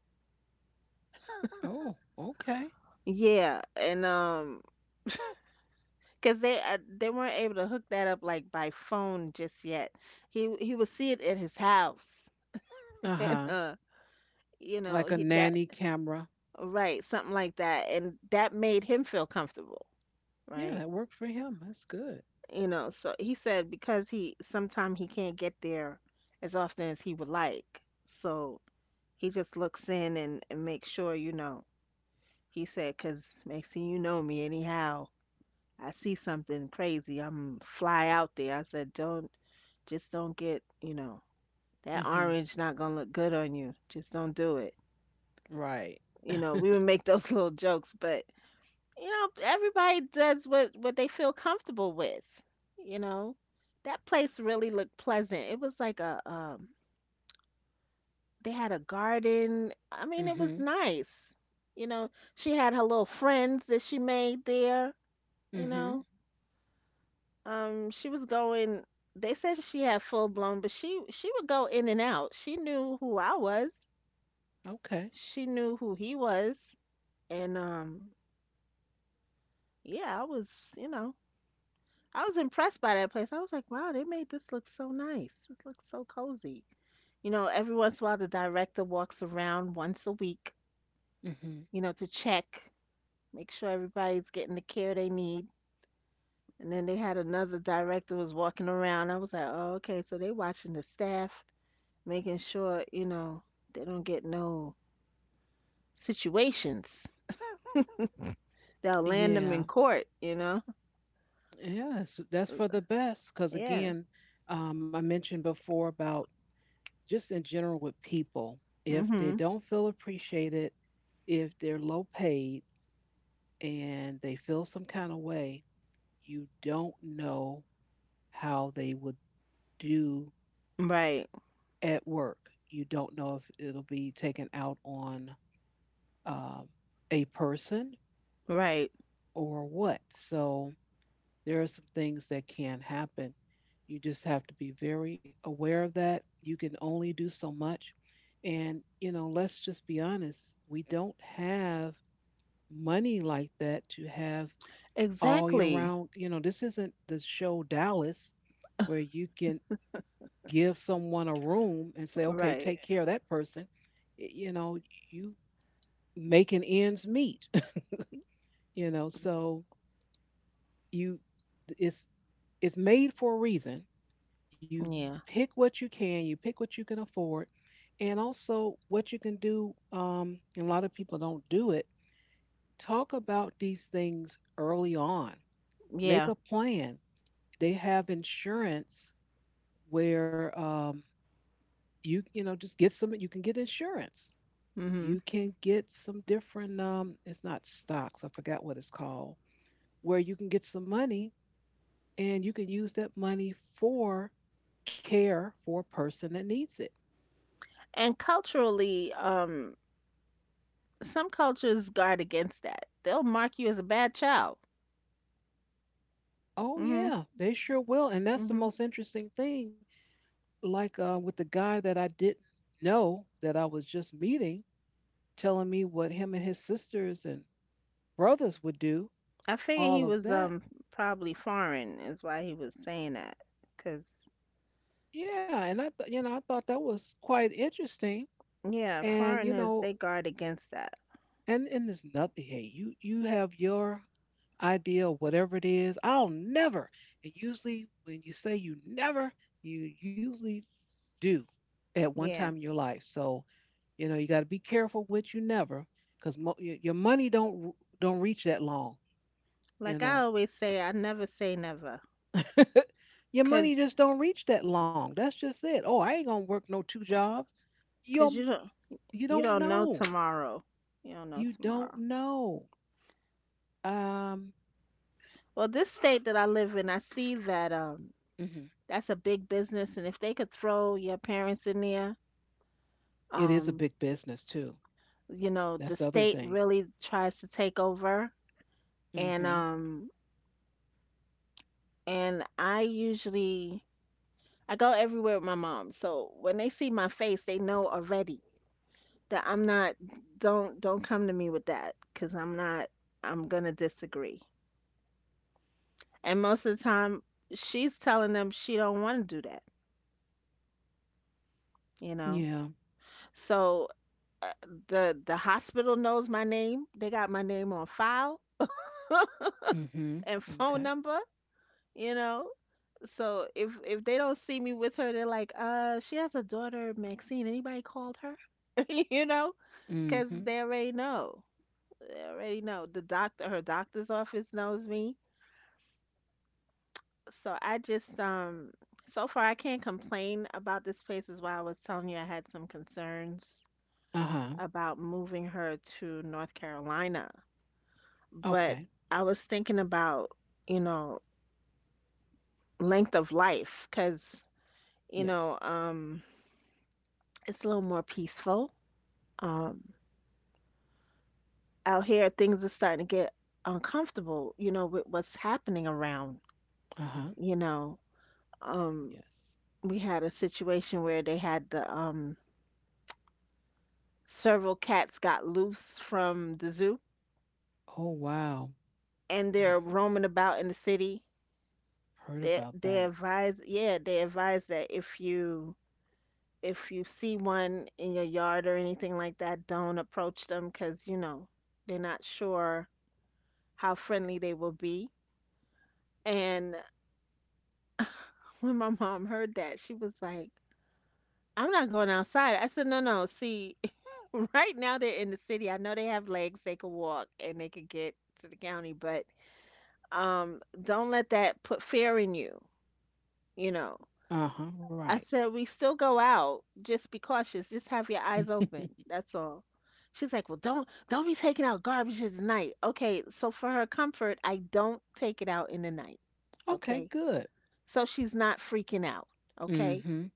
[SPEAKER 1] Oh, okay.
[SPEAKER 2] Yeah, and um, because they uh, they weren't able to hook that up like by phone just yet. He he would see it at his house,
[SPEAKER 1] Uh
[SPEAKER 2] and
[SPEAKER 1] huh.
[SPEAKER 2] uh, you know,
[SPEAKER 1] Like a
[SPEAKER 2] he that,
[SPEAKER 1] nanny camera.
[SPEAKER 2] right, something like that, and that made him feel comfortable,
[SPEAKER 1] Yeah,
[SPEAKER 2] right?
[SPEAKER 1] that worked for him. That's good.
[SPEAKER 2] You know, so he said because he sometimes he can't get there as often as he would like, so he just looks in and, and makes sure, you know. He said, "Cause next thing you know me anyhow." I see something crazy, I'm fly out there. I said, don't, just don't get, you know, that
[SPEAKER 1] Hmm.
[SPEAKER 2] orange not gonna look good on you. Just don't do it.
[SPEAKER 1] Right.
[SPEAKER 2] You know, we would make those little jokes. But you know, everybody does what what they feel comfortable with. You know, that place really looked pleasant. It was like a um, they had a garden. I mean, it was
[SPEAKER 1] Hmm.
[SPEAKER 2] nice. You know, she had her little friends that she made there. You
[SPEAKER 1] Hmm.
[SPEAKER 2] know, Um, she was going. They said she had full blown, but she she would go in and out. She knew who I was.
[SPEAKER 1] Okay.
[SPEAKER 2] She knew who he was, and um, yeah, I was, you know, I was impressed by that place. I was like, wow, they made this look so nice. This looks so cozy. You know, every once in a while, the director walks around once a week,
[SPEAKER 1] Hmm.
[SPEAKER 2] you know, to check, make sure everybody's getting the care they need. And then they had another director was walking around. I was like, oh, okay, so they watching the staff, making sure, you know, they don't get no situations that'll land them in
[SPEAKER 1] Yeah.
[SPEAKER 2] court. You know.
[SPEAKER 1] Yeah. That's, that's for the best. Because
[SPEAKER 2] Yeah.
[SPEAKER 1] again, um, I mentioned before about just in general with people, if they
[SPEAKER 2] Mhm.
[SPEAKER 1] don't feel appreciated, if they're low paid and they feel some kind of way, you don't know how they would do
[SPEAKER 2] Right.
[SPEAKER 1] at work. You don't know if it'll be taken out on um, a person
[SPEAKER 2] Right.
[SPEAKER 1] or what. So there are some things that can happen. You just have to be very aware of that. You can only do so much. And, you know, let's just be honest, we don't have money like that to have all year
[SPEAKER 2] Exactly.
[SPEAKER 1] round. You know, this isn't the show Dallas where you can give someone a room and say, okay,
[SPEAKER 2] Right.
[SPEAKER 1] take care of that person. Y- You know, you making ends meet, you know, so you, it's, it's made for a reason. You
[SPEAKER 2] Yeah.
[SPEAKER 1] pick what you can, you pick what you can afford, and also what you can do. Um, and a lot of people don't do it, talk about these things early on. Make
[SPEAKER 2] Yeah.
[SPEAKER 1] a plan. They have insurance where um, you you know just get some. You can get insurance.
[SPEAKER 2] Mhm.
[SPEAKER 1] You can get some different. Um, it's not stocks. I forgot what it's called. Where you can get some money and you can use that money for care for a person that needs it.
[SPEAKER 2] And culturally, um, some cultures guard against that. They'll mark you as a bad child.
[SPEAKER 1] Oh
[SPEAKER 2] Mhm.
[SPEAKER 1] yeah, they sure will. And that's the
[SPEAKER 2] Mhm.
[SPEAKER 1] most interesting thing. Like uh, with the guy that I didn't know that I was just meeting telling me what him and his sisters and brothers would do,
[SPEAKER 2] I figure
[SPEAKER 1] all
[SPEAKER 2] he
[SPEAKER 1] of
[SPEAKER 2] was
[SPEAKER 1] that.
[SPEAKER 2] um probably foreign is why he was saying that. 'Cause
[SPEAKER 1] Yeah, and I thought you know I thought that was quite interesting,
[SPEAKER 2] yeah,
[SPEAKER 1] and you
[SPEAKER 2] foreigners they
[SPEAKER 1] know,
[SPEAKER 2] guard against that.
[SPEAKER 1] and and there's nothing. Hey, you you have your idea of whatever it is. I'll never. And usually, when you say you never, you usually do at one time in
[SPEAKER 2] Yeah.
[SPEAKER 1] your life. So you know you got to be careful with you never, because mo- y- your money don't r- don't reach that long. You
[SPEAKER 2] Like I
[SPEAKER 1] know,
[SPEAKER 2] always say, I never say never,
[SPEAKER 1] your money
[SPEAKER 2] cause
[SPEAKER 1] just don't reach that long. That's just it. Oh, I ain't gonna work no two jobs. You're
[SPEAKER 2] cause you don't
[SPEAKER 1] you
[SPEAKER 2] you
[SPEAKER 1] don't
[SPEAKER 2] don't know
[SPEAKER 1] know.
[SPEAKER 2] tomorrow. You don't know
[SPEAKER 1] You don't
[SPEAKER 2] tomorrow.
[SPEAKER 1] know. Um,
[SPEAKER 2] Well, this state that I live in, I see that um
[SPEAKER 1] hmm
[SPEAKER 2] that's a big business, and if they could throw your parents in there,
[SPEAKER 1] it is a
[SPEAKER 2] um
[SPEAKER 1] big business too.
[SPEAKER 2] you know the
[SPEAKER 1] That's the other
[SPEAKER 2] state
[SPEAKER 1] thing.
[SPEAKER 2] really tries to take over, and
[SPEAKER 1] hmm
[SPEAKER 2] um and I usually I go everywhere with my mom, so when they see my face, they know already that I'm not, don't don't come to me with that cuz I'm not, I'm going to disagree. And most of the time she's telling them she don't want to do that, you know.
[SPEAKER 1] Yeah.
[SPEAKER 2] So uh, the the hospital knows my name. They got my name on file
[SPEAKER 1] Mm-hmm.
[SPEAKER 2] and phone
[SPEAKER 1] Okay.
[SPEAKER 2] number, you know. So if if they don't see me with her, they're like, "Uh, she has a daughter, Maxine. Anybody called her?" You know, cause
[SPEAKER 1] hmm
[SPEAKER 2] they already know. They already know. The doctor, her doctor's office knows me. So I just um so far I can't complain about this place is why I was telling you I had some concerns
[SPEAKER 1] Uh huh.
[SPEAKER 2] about moving her to North Carolina. But
[SPEAKER 1] Okay.
[SPEAKER 2] I was thinking about, you know, length of life, 'cause, you
[SPEAKER 1] Yes.
[SPEAKER 2] know, um it's a little more peaceful. Um Out here things are starting to get uncomfortable, you know, with what's happening around,
[SPEAKER 1] Uh huh.
[SPEAKER 2] you know. Um
[SPEAKER 1] Yes.
[SPEAKER 2] we had a situation where they had the um several cats got loose from the zoo
[SPEAKER 1] Oh wow.
[SPEAKER 2] and
[SPEAKER 1] I
[SPEAKER 2] they're roaming about in the city.
[SPEAKER 1] heard
[SPEAKER 2] They
[SPEAKER 1] about
[SPEAKER 2] they
[SPEAKER 1] that.
[SPEAKER 2] advise, yeah, they advise that if you, if you see one in your yard or anything like that, don't approach them because you know they're not sure how friendly they will be. And when my mom heard that, she was like, "I'm not going outside." I said, "No, no. See, right now they're in the city. I know they have legs, they can walk, and they could get to the county, but." Um, don't let that put fear in you. You know,
[SPEAKER 1] Uh huh. Right.
[SPEAKER 2] I said, we still go out. Just be cautious. Just have your eyes open. That's all. She's like, well, don't don't be taking out garbage in the night. Okay, so for her comfort, I don't take it out in the night.
[SPEAKER 1] Okay.
[SPEAKER 2] Okay,
[SPEAKER 1] Good.
[SPEAKER 2] so she's not freaking out. Okay,
[SPEAKER 1] hmm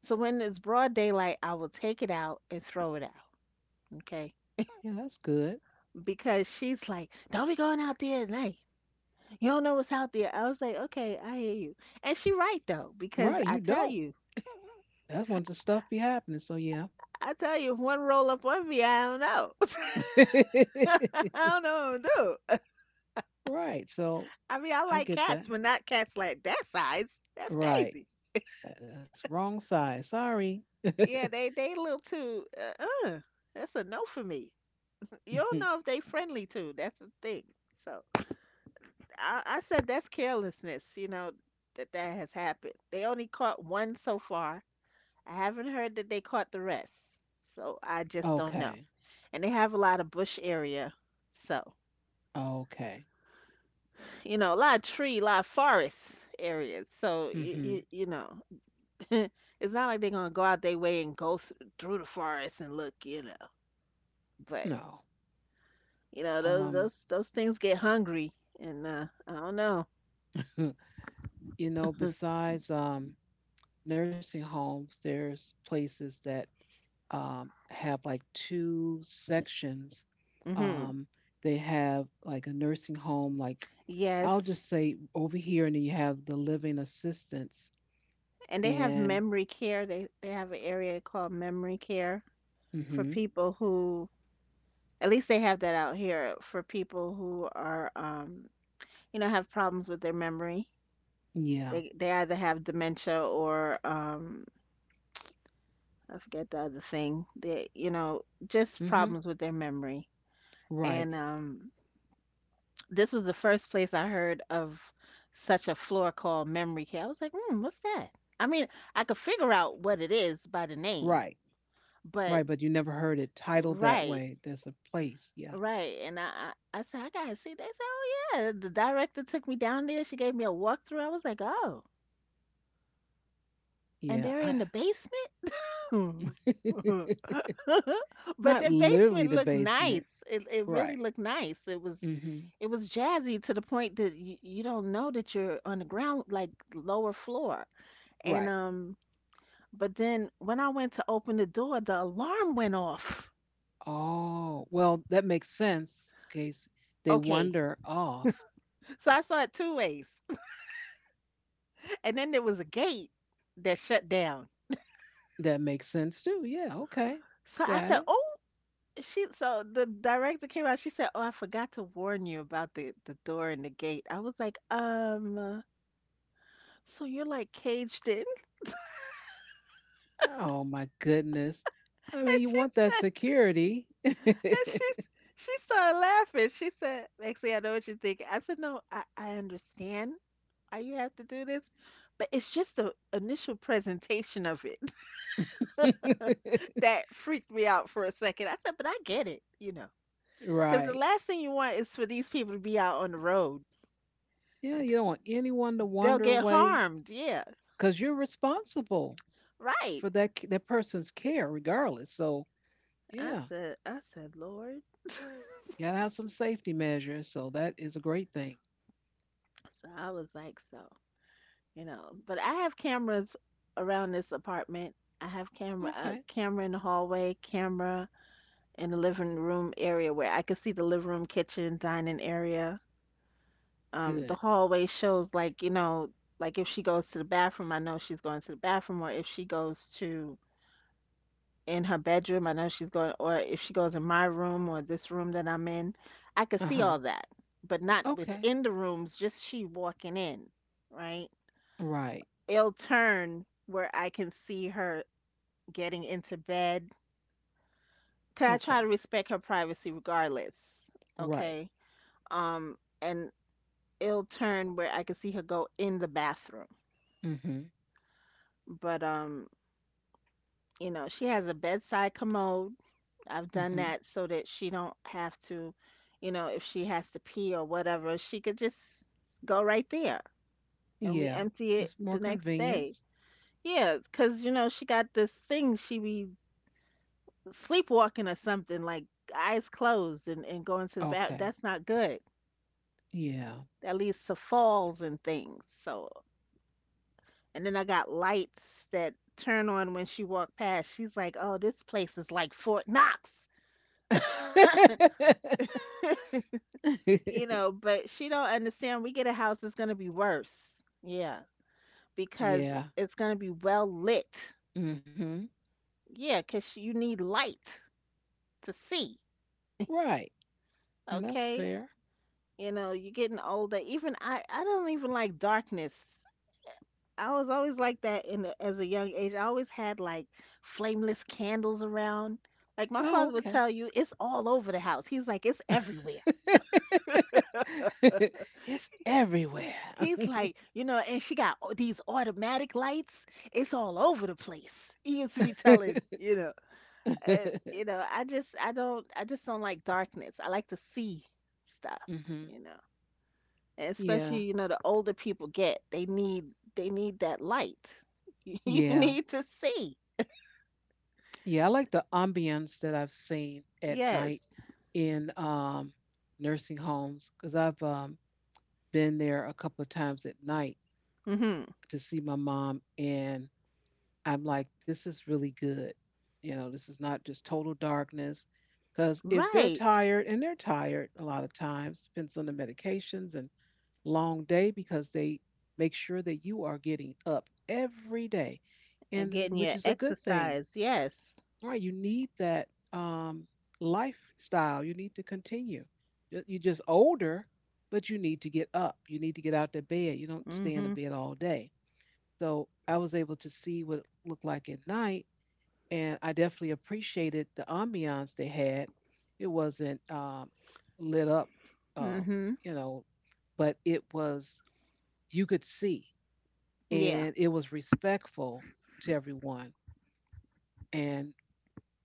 [SPEAKER 2] so when it's broad daylight, I will take it out and throw it out. Okay,
[SPEAKER 1] Yeah, that's good.
[SPEAKER 2] because she's like, don't be going out there at night. You don't know what's out there. I was like, okay, I hear you. And she right though, because
[SPEAKER 1] Right.
[SPEAKER 2] I
[SPEAKER 1] You
[SPEAKER 2] tell
[SPEAKER 1] don't.
[SPEAKER 2] you,
[SPEAKER 1] That's when the stuff be happening. So yeah.
[SPEAKER 2] I tell you, if one roll up on me, I don't know. I don't know what I'm gonna do.
[SPEAKER 1] Right. So
[SPEAKER 2] I mean, I
[SPEAKER 1] I
[SPEAKER 2] like
[SPEAKER 1] get that.
[SPEAKER 2] cats, but not cats like that size. That's
[SPEAKER 1] Right.
[SPEAKER 2] crazy.
[SPEAKER 1] That- That's wrong side. Sorry.
[SPEAKER 2] Yeah, they they a little too. Uh, uh, that's a no for me. You don't know if they friendly too. That's the thing. So I, I said that's carelessness. You know that that has happened. They only caught one so far. I haven't heard that they caught the rest. So I just don't know.
[SPEAKER 1] Okay.
[SPEAKER 2] And they have a lot of bush area. So,
[SPEAKER 1] Okay.
[SPEAKER 2] you know, a lot of tree, a lot of forest areas. So, you,
[SPEAKER 1] Mm-hmm.
[SPEAKER 2] you, you know, it's not like they're going to go out their way and go th- through the forest and look, you know. But,
[SPEAKER 1] No.
[SPEAKER 2] you know, those
[SPEAKER 1] Um,
[SPEAKER 2] those those things get hungry, and uh I don't know.
[SPEAKER 1] you know, besides um nursing homes, there's places that um have like two sections.
[SPEAKER 2] Mhm.
[SPEAKER 1] Um, they have like a nursing home, like I'll
[SPEAKER 2] Yes.
[SPEAKER 1] just say over here, and then you have the living assistance.
[SPEAKER 2] And they have
[SPEAKER 1] And
[SPEAKER 2] memory care. They they have an area called memory care for
[SPEAKER 1] Mhm.
[SPEAKER 2] people who, at least they have that out here for people who are um you know have problems with their memory.
[SPEAKER 1] Yeah.
[SPEAKER 2] they they either have dementia or um I forget the other thing. They, you know, just
[SPEAKER 1] Mhm.
[SPEAKER 2] problems with their memory.
[SPEAKER 1] Right.
[SPEAKER 2] And um this was the first place I heard of such a floor called memory care. I was like, hmm, what's that? I mean, I could figure out what it is by the name,
[SPEAKER 1] Right. Right,
[SPEAKER 2] but
[SPEAKER 1] but you never heard it titled that
[SPEAKER 2] right,
[SPEAKER 1] way. There's a place. Yeah.
[SPEAKER 2] right. And I I, I said I gotta see. They said, oh yeah. The director took me down there. She gave me a walkthrough. I was like, oh, and
[SPEAKER 1] Yeah.
[SPEAKER 2] they're in the
[SPEAKER 1] I
[SPEAKER 2] basement. Hmm. But
[SPEAKER 1] Not
[SPEAKER 2] their
[SPEAKER 1] literally
[SPEAKER 2] basement
[SPEAKER 1] the
[SPEAKER 2] looked
[SPEAKER 1] basement.
[SPEAKER 2] nice. It it really
[SPEAKER 1] Right.
[SPEAKER 2] looked nice. It was,
[SPEAKER 1] Mhm.
[SPEAKER 2] it was jazzy to the point that you, you don't know that you're on the ground, like lower floor. And
[SPEAKER 1] Right.
[SPEAKER 2] um, but then when I went to open the door, the alarm went off.
[SPEAKER 1] Oh, well, that makes sense. In case they
[SPEAKER 2] Okay.
[SPEAKER 1] wander off,
[SPEAKER 2] So I saw it two ways. And then there was a gate that shut down.
[SPEAKER 1] that makes sense too. Yeah, okay.
[SPEAKER 2] So I
[SPEAKER 1] Got
[SPEAKER 2] said,
[SPEAKER 1] it.
[SPEAKER 2] "Oh, she." So the director came out. She said, "Oh, I forgot to warn you about the the door and the gate." I was like, um. So you're like caged in?
[SPEAKER 1] Oh my goodness. I mean,
[SPEAKER 2] And
[SPEAKER 1] you
[SPEAKER 2] she
[SPEAKER 1] want that
[SPEAKER 2] said,
[SPEAKER 1] security.
[SPEAKER 2] and she s- she started laughing. She said, Maxie, I know what you're thinking. I said, No, I, I understand why you have to do this, but it's just the initial presentation of it that freaked me out for a second. I said, But I get it, you know, because the
[SPEAKER 1] Right.
[SPEAKER 2] last thing you want is for these people to be out on the road.
[SPEAKER 1] Yeah, you don't want anyone to
[SPEAKER 2] They'll
[SPEAKER 1] wander
[SPEAKER 2] get
[SPEAKER 1] away
[SPEAKER 2] harmed. Yeah,
[SPEAKER 1] because you're responsible for
[SPEAKER 2] right.
[SPEAKER 1] that c- that person's care, regardless. So
[SPEAKER 2] I
[SPEAKER 1] yeah,
[SPEAKER 2] said, I said, Lord.
[SPEAKER 1] you gotta have some safety measures. So that is a great thing.
[SPEAKER 2] So I was like, so. You know. But I have cameras around this apartment. I have camera
[SPEAKER 1] Okay,
[SPEAKER 2] a camera in the hallway, camera in the living room area where I can see the living room, kitchen, dining area. Um, the
[SPEAKER 1] good.
[SPEAKER 2] hallway shows like, you know, like if she goes to the bathroom, I know she's going to the bathroom, or if she goes to in her bedroom, I know she's going, or if she goes in my room or this room that I'm in, I could
[SPEAKER 1] Uh
[SPEAKER 2] see
[SPEAKER 1] huh.
[SPEAKER 2] all that, but not
[SPEAKER 1] Okay.
[SPEAKER 2] within the rooms, just she walking in, right?
[SPEAKER 1] Right.
[SPEAKER 2] It'll turn where I can see her getting into bed. 'Cause I try to
[SPEAKER 1] Okay.
[SPEAKER 2] respect her privacy regardless.
[SPEAKER 1] Right.
[SPEAKER 2] Okay. Um, and it'll turn where I can see her go in the bathroom.
[SPEAKER 1] Mm-hmm.
[SPEAKER 2] But um, you know, she has a bedside commode. I've done
[SPEAKER 1] Mm-hmm.
[SPEAKER 2] that so that she don't have to, you know, if she has to pee or whatever, she could just go right there, and we
[SPEAKER 1] Yeah.
[SPEAKER 2] empty it
[SPEAKER 1] It's
[SPEAKER 2] the
[SPEAKER 1] more
[SPEAKER 2] next day.
[SPEAKER 1] convenience.
[SPEAKER 2] Yeah, 'cause you know, she got this thing, she be sleepwalking or something, like, eyes closed, and, and going to the bath.
[SPEAKER 1] Okay.
[SPEAKER 2] That's not good.
[SPEAKER 1] Yeah.
[SPEAKER 2] That leads to falls and things, so and then I got lights that turn on when she walked past. She's like, "Oh, this place is like Fort Knox." you know but she don't understand, we get a house that's going to be worse. Yeah, because
[SPEAKER 1] Yeah.
[SPEAKER 2] it's going to be well lit.
[SPEAKER 1] Mm-hmm.
[SPEAKER 2] Yeah, because you need light to see.
[SPEAKER 1] Right. And that's
[SPEAKER 2] Okay.
[SPEAKER 1] fair.
[SPEAKER 2] you know you're getting older. Even i i don't even like darkness. I was always like that, in the, as a young age. I always had, like, flameless candles around. Like, my
[SPEAKER 1] Oh,
[SPEAKER 2] father would
[SPEAKER 1] okay.
[SPEAKER 2] tell you, it's all over the house. He's like, "It's everywhere."
[SPEAKER 1] It's everywhere.
[SPEAKER 2] He's like, you know, and she got au- these automatic lights. It's all over the place. He used to be telling, you know, And, you know, I just, I don't, I just don't like darkness. I like to see stuff, you
[SPEAKER 1] hmm
[SPEAKER 2] know, and especially, you
[SPEAKER 1] Yeah,
[SPEAKER 2] know, the older people get, they need, they need that light. You
[SPEAKER 1] yeah,
[SPEAKER 2] need to see.
[SPEAKER 1] yeah. I like the ambience that I've seen at night
[SPEAKER 2] Yes.
[SPEAKER 1] in um, nursing homes because I've um, been there a couple of times at night
[SPEAKER 2] Mm-hmm.
[SPEAKER 1] to see my mom, and I'm like, this is really good. You know, this is not just total darkness. Because if they're
[SPEAKER 2] Right.
[SPEAKER 1] tired, and they're tired a lot of times, depends on the medications and. Long day because they make sure that you are getting up every day,
[SPEAKER 2] And
[SPEAKER 1] and
[SPEAKER 2] getting
[SPEAKER 1] which is
[SPEAKER 2] your
[SPEAKER 1] a good thing,
[SPEAKER 2] exercise. Yes.
[SPEAKER 1] right? You need that um, lifestyle. You need to continue. You- You're just older, but you need to get up. You need to get out the bed. You don't stay in the
[SPEAKER 2] Mhm.
[SPEAKER 1] bed all day. So I was able to see what it looked like at night, and I definitely appreciated the ambiance they had. It wasn't um, lit up, um,
[SPEAKER 2] Mhm.
[SPEAKER 1] you know, but it was you could see
[SPEAKER 2] Yeah.
[SPEAKER 1] and it was respectful to everyone and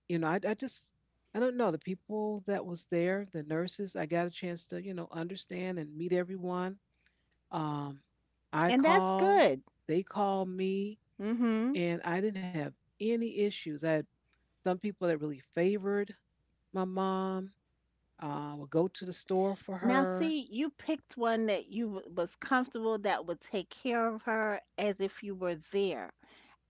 [SPEAKER 1] you know I, I just I don't know the people that was there the nurses I got a chance to you know understand and meet everyone um, I
[SPEAKER 2] And that's
[SPEAKER 1] call
[SPEAKER 2] good.
[SPEAKER 1] they call me
[SPEAKER 2] Mhm.
[SPEAKER 1] and I didn't have any issues I had some people that really favored my mom uh, would go to the store for
[SPEAKER 2] Now,
[SPEAKER 1] her
[SPEAKER 2] see, you picked one that you w- was comfortable that would take care of her as if you were there.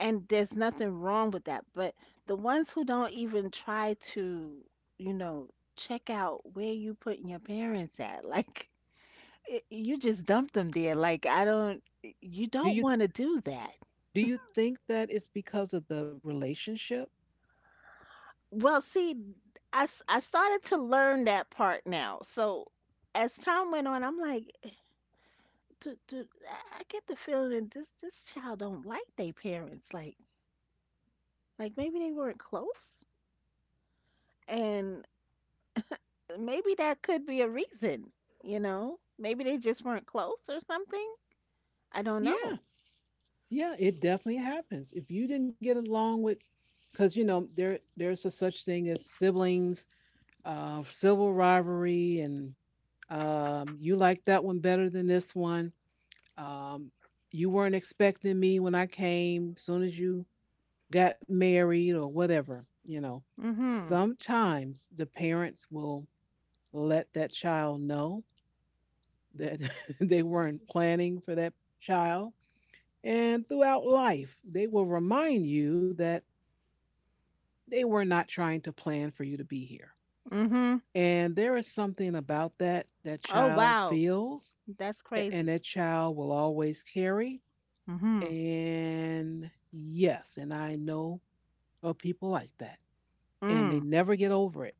[SPEAKER 2] And there's nothing wrong with that. But the ones who don't even try to, you know, check out where you putting your parents at, like, y- you just dump them there. Like I don't, you
[SPEAKER 1] do
[SPEAKER 2] don't
[SPEAKER 1] you
[SPEAKER 2] want to do that.
[SPEAKER 1] do you think that it's because of the relationship
[SPEAKER 2] Well, see, I, s- I started to learn that part now. So as time went on, I'm like, "Eh, dude, dude, I I get the feeling that this this child don't like their parents. Like, like maybe they weren't close, and maybe that could be a reason. You know, maybe they just weren't close or something. I don't
[SPEAKER 1] yeah.
[SPEAKER 2] know."
[SPEAKER 1] Yeah, it definitely happens. If you didn't get along with, because you know there there's a such thing as siblings, uh, civil rivalry, and um, you like that one better than this one. Um, you weren't expecting me when I came. Soon as you got married or whatever, you know.
[SPEAKER 2] Mm-hmm.
[SPEAKER 1] Sometimes the parents will let that child know that they weren't planning for that child. And throughout life, they will remind you that they were not trying to plan for you to be here.
[SPEAKER 2] Mm-hmm.
[SPEAKER 1] And there is something about that that
[SPEAKER 2] Oh,
[SPEAKER 1] child
[SPEAKER 2] wow,
[SPEAKER 1] feels
[SPEAKER 2] that's
[SPEAKER 1] and
[SPEAKER 2] crazy.
[SPEAKER 1] that child will always carry.
[SPEAKER 2] Mm-hmm.
[SPEAKER 1] And yes, and I know of people like that, and they
[SPEAKER 2] Mm.
[SPEAKER 1] never get over it.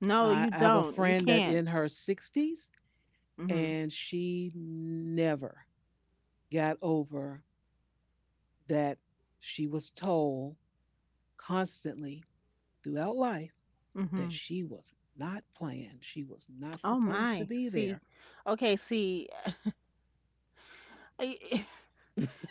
[SPEAKER 2] No,
[SPEAKER 1] I
[SPEAKER 2] you
[SPEAKER 1] have a
[SPEAKER 2] don't. You
[SPEAKER 1] friend that
[SPEAKER 2] can't.
[SPEAKER 1] in her sixties,
[SPEAKER 2] Mm-hmm.
[SPEAKER 1] and she never got over that she was told constantly throughout life that
[SPEAKER 2] Mm-hmm.
[SPEAKER 1] she was not planned. She was not
[SPEAKER 2] Oh
[SPEAKER 1] supposed to
[SPEAKER 2] my.
[SPEAKER 1] be
[SPEAKER 2] See,
[SPEAKER 1] there.
[SPEAKER 2] okay, see, I-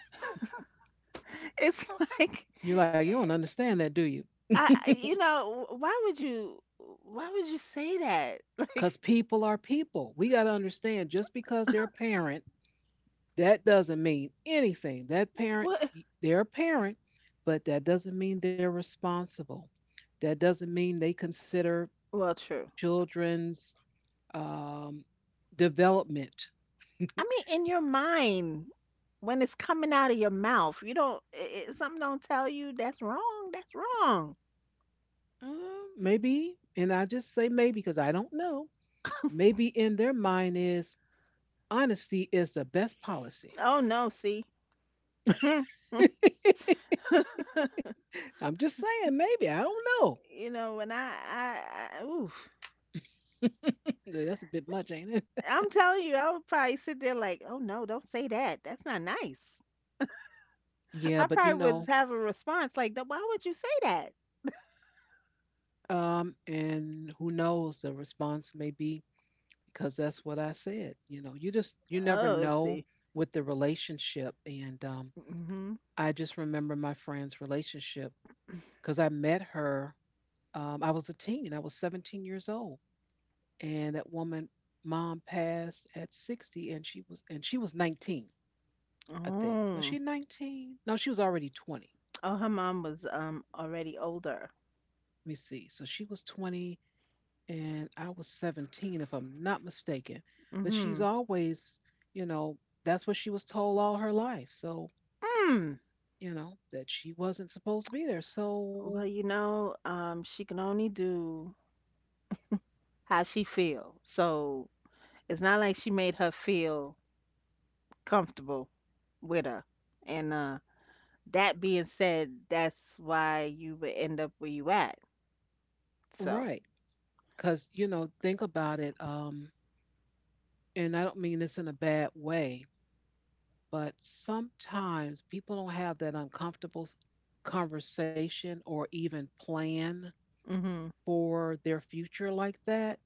[SPEAKER 2] it's like
[SPEAKER 1] You're like, you don't understand that, do you?
[SPEAKER 2] I, I- you know, wh- why would you, why would you say that?
[SPEAKER 1] Because
[SPEAKER 2] Like,
[SPEAKER 1] people are people. We got to understand just because they're a parent, that doesn't mean anything. That parent,
[SPEAKER 2] what?
[SPEAKER 1] they're a parent, but that doesn't mean they're responsible. That doesn't mean they consider
[SPEAKER 2] Well, true.
[SPEAKER 1] children's um, development.
[SPEAKER 2] I mean, in your mind, when it's coming out of your mouth, you don't, i i- something don't tell you that's wrong. That's wrong.
[SPEAKER 1] Uh, maybe, and I just say maybe because I don't know. Maybe in their mind is honesty is the best policy.
[SPEAKER 2] Oh, no, see. Hmm.
[SPEAKER 1] I'm just saying, maybe I don't know.
[SPEAKER 2] You know, when I, I, I, oof.
[SPEAKER 1] That's a bit much, ain't it?
[SPEAKER 2] I'm telling you, I would probably sit there like, "Oh, no, don't say that. That's not nice."
[SPEAKER 1] Yeah,
[SPEAKER 2] I
[SPEAKER 1] but you
[SPEAKER 2] probably would
[SPEAKER 1] know,
[SPEAKER 2] have a response like, "Th- Why would you say that?"
[SPEAKER 1] um, and who knows the response may be because that's what I said. You know, you just you never
[SPEAKER 2] Oh, let's
[SPEAKER 1] know
[SPEAKER 2] see.
[SPEAKER 1] with the relationship, and um,
[SPEAKER 2] Mhm.
[SPEAKER 1] I just remember my friend's relationship because I met her. Um, I was a teen, I was seventeen years old, and that woman, mom, passed at sixty, and she was and she was nineteen. I think. Was
[SPEAKER 2] Oh.
[SPEAKER 1] she nineteen? No, she was already twenty.
[SPEAKER 2] Oh, her mom was um already older.
[SPEAKER 1] Let me see. So she was twenty and I was seventeen, if I'm not mistaken. But she's
[SPEAKER 2] Mhm.
[SPEAKER 1] always, you know, that's what she was told all her life. So,
[SPEAKER 2] Mm.
[SPEAKER 1] you know, that she wasn't supposed to be there. So,
[SPEAKER 2] Well, you know, um, she can only do how she feel. So it's not like she made her feel comfortable with her. And uh, that being said, that's why you would end up where you at. So.
[SPEAKER 1] right. Because, you know, think about it. Um, and I don't mean this in a bad way, but sometimes people don't have that uncomfortable s- conversation or even plan
[SPEAKER 2] Mhm.
[SPEAKER 1] for their future like that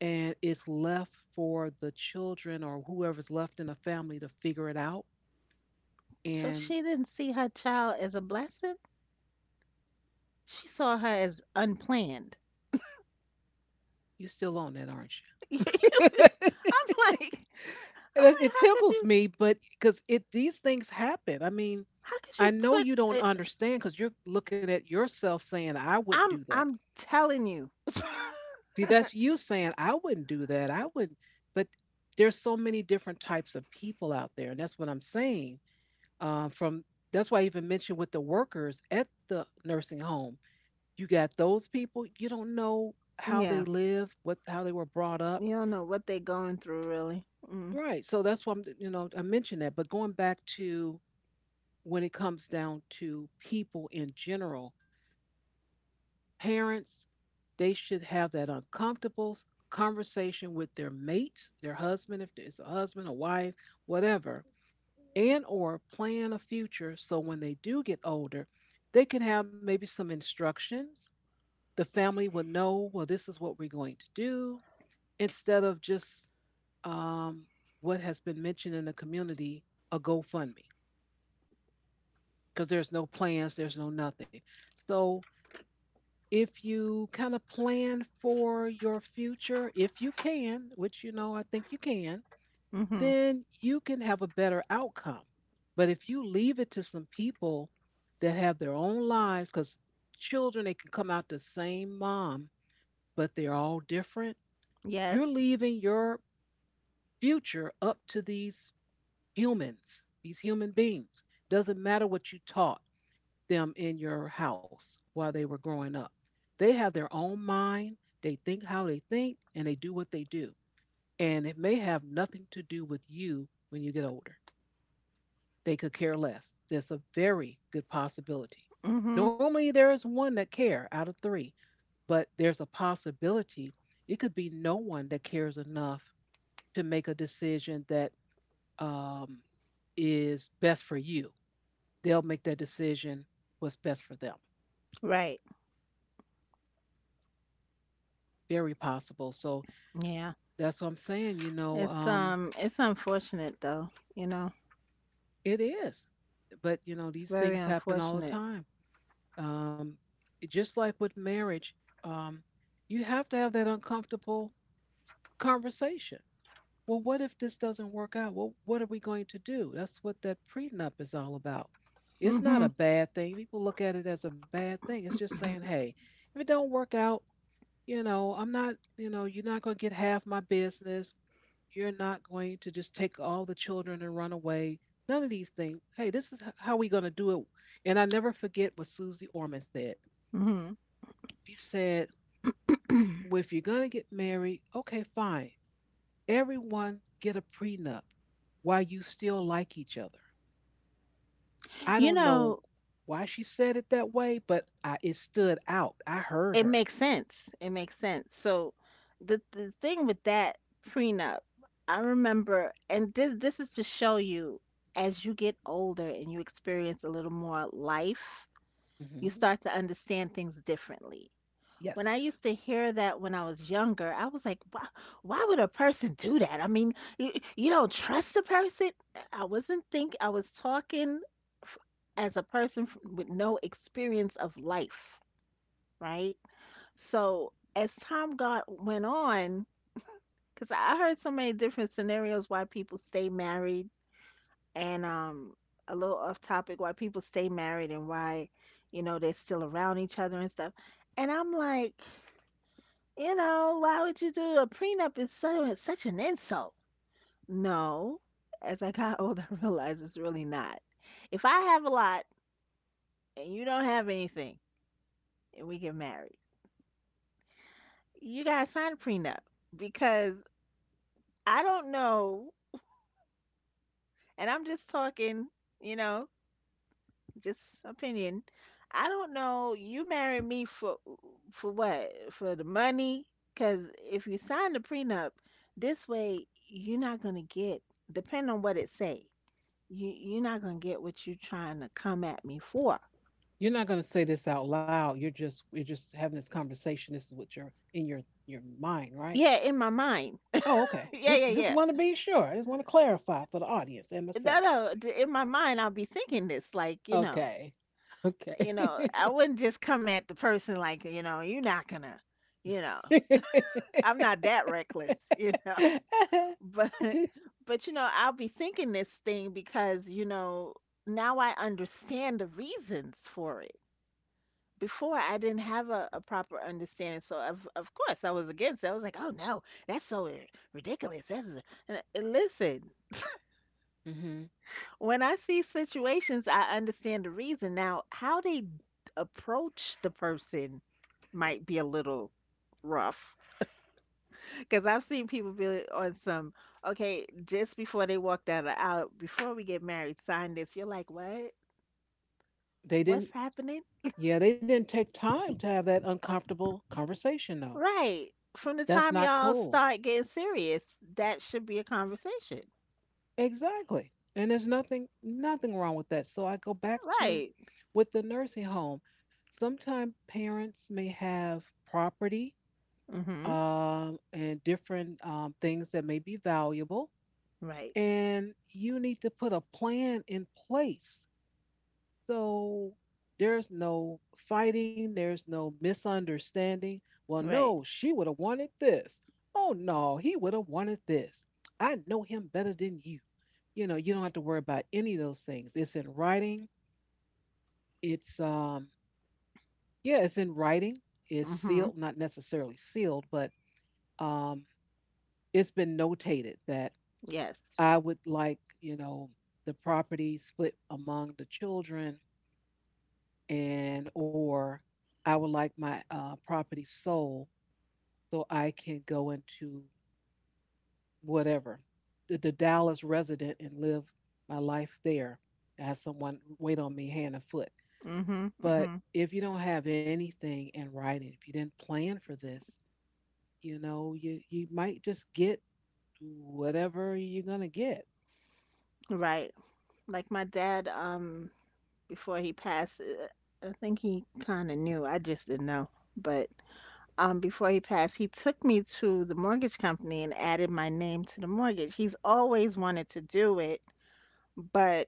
[SPEAKER 1] and it's left for the children or whoever's left in the family to figure it out.
[SPEAKER 2] So
[SPEAKER 1] And
[SPEAKER 2] she didn't see her child as a blessing. She saw her as unplanned.
[SPEAKER 1] you are still on that, aren't
[SPEAKER 2] I'm
[SPEAKER 1] you?
[SPEAKER 2] like, I'm
[SPEAKER 1] it,
[SPEAKER 2] like,
[SPEAKER 1] it
[SPEAKER 2] how could
[SPEAKER 1] tickles
[SPEAKER 2] you,
[SPEAKER 1] me, but because it these things happen. I mean,
[SPEAKER 2] how could you
[SPEAKER 1] I know you
[SPEAKER 2] put
[SPEAKER 1] don't
[SPEAKER 2] it?
[SPEAKER 1] understand because you're looking at yourself saying, "I wouldn't do
[SPEAKER 2] I'm,
[SPEAKER 1] that."
[SPEAKER 2] I'm telling you.
[SPEAKER 1] See, that's you saying, "I wouldn't do that." I wouldn't. But there's so many different types of people out there, and that's what I'm saying. Uh, from that's why I even mentioned with the workers at the nursing home. You got those people, you don't know how they
[SPEAKER 2] Yeah,
[SPEAKER 1] live, what how they were brought up.
[SPEAKER 2] you don't know what they going through, really. Mm,
[SPEAKER 1] Right. So that's why I'm, you know, I mentioned that. But going back to when it comes down to people in general, parents, they should have that uncomfortable conversation with their mates, their husband, if it's a husband, a wife, whatever, and or plan a future so when they do get older, they can have maybe some instructions. The family will know, well, this is what we're going to do instead of just um, what has been mentioned in the community, a GoFundMe, because there's no plans, there's no nothing. So if you kind of plan for your future, if you can, which you know I think you can,
[SPEAKER 2] mm-hmm.
[SPEAKER 1] then you can have a better outcome. But if you leave it to some people that have their own lives, because children, they can come out the same mom, but they're all different, you're
[SPEAKER 2] Yes.
[SPEAKER 1] leaving your future up to these humans, these human beings. Doesn't matter what you taught them in your house while they were growing up. They have their own mind, they think how they think, and they do what they do. And it may have nothing to do with you when you get older. They could care less. That's a very good possibility.
[SPEAKER 2] Mm-hmm.
[SPEAKER 1] Normally, there is one that cares out of three, but there's a possibility it could be no one that cares enough to make a decision that um, is best for you. They'll make that decision what's best for them.
[SPEAKER 2] Right.
[SPEAKER 1] Very possible. So
[SPEAKER 2] Yeah.
[SPEAKER 1] that's what I'm saying. You know,
[SPEAKER 2] It's
[SPEAKER 1] um,
[SPEAKER 2] um, it's unfortunate though. You know,
[SPEAKER 1] it is. But, you know, these
[SPEAKER 2] very
[SPEAKER 1] things happen all the
[SPEAKER 2] unfortunate.
[SPEAKER 1] time. Um, just like with marriage, um, you have to have that uncomfortable conversation. Well, what if this doesn't work out? Well, what are we going to do? That's what that prenup is all about. It's not a
[SPEAKER 2] Mm-hmm.
[SPEAKER 1] bad thing. People look at it as a bad thing. It's just saying,
[SPEAKER 2] Mm-hmm.
[SPEAKER 1] hey, if it don't work out, you know, I'm not, you know, you're not going to get half my business. You're not going to just take all the children and run away. None of these things. Hey, this is h- how we going to do it. And I never forget what Susie Orman said.
[SPEAKER 2] Mm-hmm.
[SPEAKER 1] She said, well, if you're going to get married, okay, fine. Everyone get a prenup while you still like each other. I
[SPEAKER 2] You
[SPEAKER 1] don't know
[SPEAKER 2] know,
[SPEAKER 1] why she said it that way, but I, it stood out. I heard
[SPEAKER 2] it
[SPEAKER 1] her.
[SPEAKER 2] makes sense. It makes sense. So the the thing with that prenup, I remember, and this this is to show you, as you get older and you experience a little more life, you
[SPEAKER 1] hmm
[SPEAKER 2] start to understand things differently. When I
[SPEAKER 1] Yes.
[SPEAKER 2] used to hear that when I was younger, I was like, why, why would a person do that? I mean, you, you don't trust the person. I wasn't think I was talking f- as a person f- with no experience of life, right? So as time got went on, because I heard so many different scenarios why people stay married, and um, a little off topic, why people stay married and why, you know, they're still around each other and stuff. And I'm like, you know, why would you do a prenup? Is so it's such an insult. No, as I got older, I realized it's really not. If I have a lot and you don't have anything, and we get married, you gotta sign a prenup because I don't know, and I'm just talking, you know, just opinion. I don't know. You marry me for for what? For the money? Because if you sign the prenup, this way you're not gonna get. Depend on what it say. You you're not gonna get what you're trying to come at me for.
[SPEAKER 1] You're not going to say this out loud. You're just you're just having this conversation. This is what you're in your your mind, right?
[SPEAKER 2] Yeah, in my mind.
[SPEAKER 1] Oh, okay.
[SPEAKER 2] Yeah,
[SPEAKER 1] Just
[SPEAKER 2] yeah,
[SPEAKER 1] just
[SPEAKER 2] yeah.
[SPEAKER 1] want to be sure. I just want to clarify for the audience and
[SPEAKER 2] No,
[SPEAKER 1] myself.
[SPEAKER 2] no. d- In my mind, I'll be thinking this, like, you know,
[SPEAKER 1] Okay. Okay.
[SPEAKER 2] you know, I wouldn't just come at the person, like, you know, you're not gonna, you know. I'm not that reckless, you know. But but you know, I'll be thinking this thing because, you know, now I understand the reasons for it. Before I didn't have a, a proper understanding. So of of course I was against it. I was like, "Oh, no, that's so r- ridiculous. That's a-" and I- listen,
[SPEAKER 1] hmm
[SPEAKER 2] when I see situations, I understand the reason. Now, how they approach the person might be a little rough. Because I've seen people be on some, "Okay, just before they walked out, of- out, before we get married, sign this." You're like, what?
[SPEAKER 1] They
[SPEAKER 2] What's
[SPEAKER 1] didn't.
[SPEAKER 2] happening?
[SPEAKER 1] Yeah, they didn't take time to have that uncomfortable conversation though.
[SPEAKER 2] Right. From the
[SPEAKER 1] That's
[SPEAKER 2] time
[SPEAKER 1] not
[SPEAKER 2] y'all
[SPEAKER 1] cool.
[SPEAKER 2] start getting serious, that should be a conversation.
[SPEAKER 1] Exactly. And there's nothing nothing wrong with that. So I go back to
[SPEAKER 2] Right.
[SPEAKER 1] with the nursing home. Sometimes parents may have property
[SPEAKER 2] Mm-hmm.
[SPEAKER 1] um, and different um, things that may be valuable,
[SPEAKER 2] Right.
[SPEAKER 1] and you need to put a plan in place so there's no fighting, there's no misunderstanding. Well,
[SPEAKER 2] Right.
[SPEAKER 1] no, she would have wanted this. Oh, no, he would have wanted this. I know him better than you. You know, you don't have to worry about any of those things. It's in writing. It's, um, yeah, it's in writing. It's
[SPEAKER 2] Mm-hmm.
[SPEAKER 1] sealed, not necessarily sealed, but um, it's been notated that
[SPEAKER 2] Yes.
[SPEAKER 1] I would like, you know, the property split among the children and or I would like my uh, property sold so I can go into whatever the, the Dallas resident and live my life there. I have someone wait on me hand and foot.
[SPEAKER 2] Mm-hmm.
[SPEAKER 1] But
[SPEAKER 2] Mm-hmm.
[SPEAKER 1] if you don't have anything in writing, if you didn't plan for this, you know, you you might just get whatever you're gonna get.
[SPEAKER 2] Right. Like, my dad, um, before he passed, uh, I think he kind of knew. I just didn't know. But um, before he passed, he took me to the mortgage company and added my name to the mortgage. He's always wanted to do it, but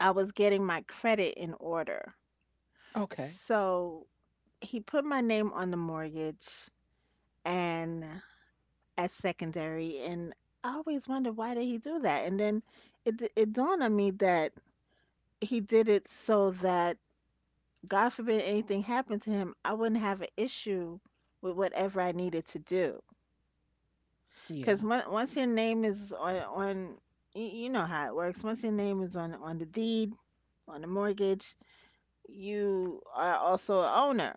[SPEAKER 2] I was getting my credit in order.
[SPEAKER 1] Okay.
[SPEAKER 2] So he put my name on the mortgage and as secondary. And I always wondered, why did he do that? And then it, d- it dawned on me that he did it so that, God forbid anything happened to him, I wouldn't have an issue with whatever I needed to do. Because
[SPEAKER 1] Yeah.
[SPEAKER 2] once your name is on on, y- you know how it works. Once your name is on on the deed, on the mortgage, you are also a owner.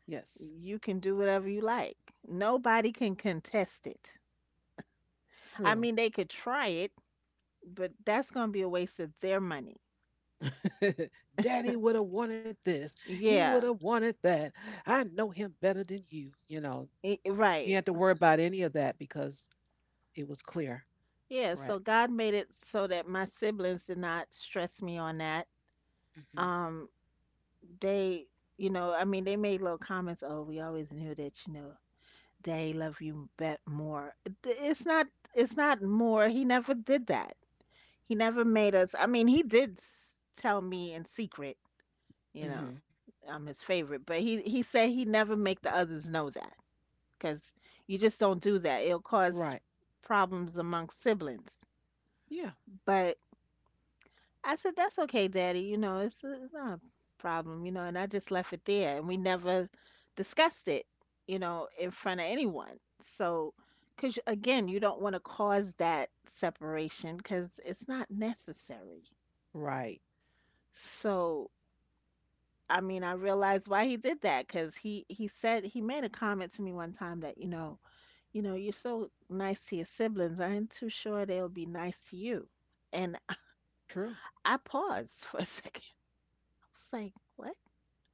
[SPEAKER 1] Yes.
[SPEAKER 2] You can do whatever you like. Nobody can contest it. I
[SPEAKER 1] True.
[SPEAKER 2] mean, they could try it, but that's going to be a waste of their money.
[SPEAKER 1] Daddy would have wanted this. He would
[SPEAKER 2] Yeah,
[SPEAKER 1] have wanted that. I know him better than you. You know,
[SPEAKER 2] i-
[SPEAKER 1] you
[SPEAKER 2] right.
[SPEAKER 1] have to worry about any of that because it was clear.
[SPEAKER 2] Yeah, so
[SPEAKER 1] Correct.
[SPEAKER 2] God made it so that my siblings did not stress me on that.
[SPEAKER 1] hmm
[SPEAKER 2] Um, they, you know, I mean, they made little comments, "Oh, we always knew that, you know, "They love you bet more." Th- It's not, it's not more. He never did that. He never made us. I mean, he did s- tell me in secret, you know,
[SPEAKER 1] hmm
[SPEAKER 2] I'm his favorite, but he he said he never make the others know that, cuz you just don't do that. It'll cause
[SPEAKER 1] Right.
[SPEAKER 2] problems among siblings.
[SPEAKER 1] Yeah.
[SPEAKER 2] But I said, "That's okay, Daddy. You know, it's, uh, it's not a problem. You know." And I just left it there, and we never discussed it, you know, in front of anyone. So, because again, you don't want to cause that separation because it's not necessary.
[SPEAKER 1] Right.
[SPEAKER 2] So, I mean, I realized why he did that because he he said, he made a comment to me one time that, you know, you know, "You're so nice to your siblings. I ain't too sure they'll be nice to you." And
[SPEAKER 1] True.
[SPEAKER 2] I paused for a second. I was like, what?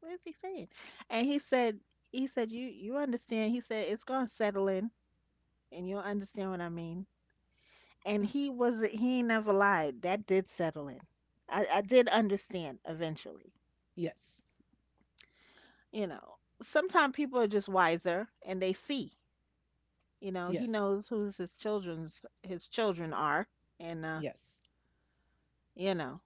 [SPEAKER 2] What is he saying? And he said, he said, you you understand." He said, "It's gonna settle in, and you'll understand what I mean." And
[SPEAKER 1] Yeah.
[SPEAKER 2] he was He ain't never lied. That did settle in. I, I did understand eventually.
[SPEAKER 1] Yes.
[SPEAKER 2] You know, sometimes people are just wiser and they see. You know, he
[SPEAKER 1] Yes.
[SPEAKER 2] knows who's his children's his children are, and uh,
[SPEAKER 1] Yes.
[SPEAKER 2] you know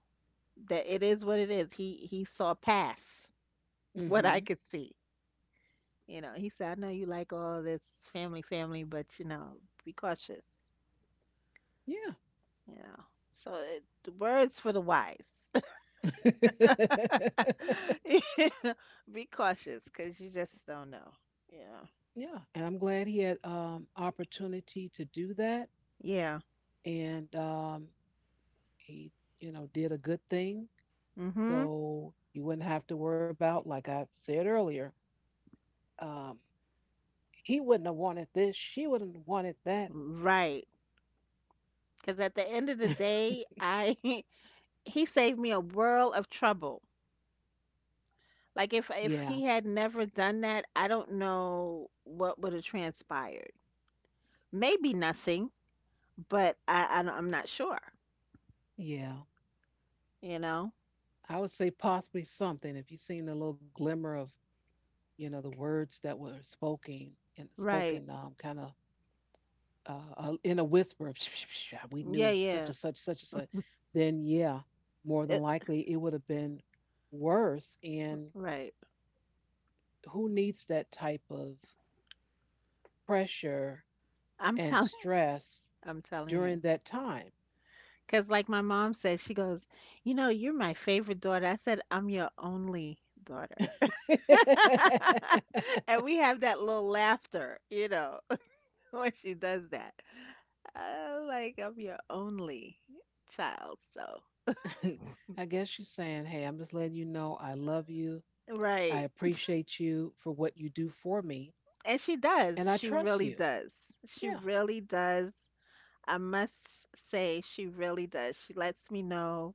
[SPEAKER 2] that it is what it is. He he saw past what
[SPEAKER 1] hmm
[SPEAKER 2] I could see. You know, he said, "I know you like all this family, family, but you know, be cautious."
[SPEAKER 1] Yeah.
[SPEAKER 2] Yeah. So it, the words for the wise. You know, be cautious because you just don't know. Yeah.
[SPEAKER 1] Yeah. And I'm glad he had um opportunity to do that.
[SPEAKER 2] Yeah.
[SPEAKER 1] And um he, you know, did a good thing.
[SPEAKER 2] Mm-hmm.
[SPEAKER 1] So you wouldn't have to worry about, like I said earlier, um, he wouldn't have wanted this, she wouldn't have wanted that.
[SPEAKER 2] Right. Because at the end of the day, I he saved me a world of trouble. Like, if if
[SPEAKER 1] Yeah,
[SPEAKER 2] he had never done that, I don't know what would have transpired. Maybe nothing, but I, I don't- I'm not sure.
[SPEAKER 1] yeah.
[SPEAKER 2] You know.
[SPEAKER 1] I would say possibly something. If you've seen the little glimmer of, you know, the words that were spoken and
[SPEAKER 2] Right.
[SPEAKER 1] spoken, um, kind of uh, uh, in a whisper of, we
[SPEAKER 2] Yeah.
[SPEAKER 1] knew such
[SPEAKER 2] Yeah.
[SPEAKER 1] and such, such and such, then yeah, more than
[SPEAKER 2] It,
[SPEAKER 1] likely it would have been worse. And
[SPEAKER 2] right.
[SPEAKER 1] who needs that type of pressure
[SPEAKER 2] I'm
[SPEAKER 1] and
[SPEAKER 2] telling.
[SPEAKER 1] stress
[SPEAKER 2] I'm telling you.
[SPEAKER 1] during that time.
[SPEAKER 2] Because, like my mom said, she goes, "You know, you're my favorite daughter." I said, "I'm your only daughter." and we have that little laughter, you know, when she does that. Uh, like, "I'm your only child." So,
[SPEAKER 1] I guess she's saying, hey, I'm just letting you know I love you. I
[SPEAKER 2] right.
[SPEAKER 1] appreciate you for what you do for me.
[SPEAKER 2] And she does.
[SPEAKER 1] And I
[SPEAKER 2] She
[SPEAKER 1] trust
[SPEAKER 2] really
[SPEAKER 1] you.
[SPEAKER 2] does. She
[SPEAKER 1] Yeah.
[SPEAKER 2] really does. I must say, she really does. She lets me know.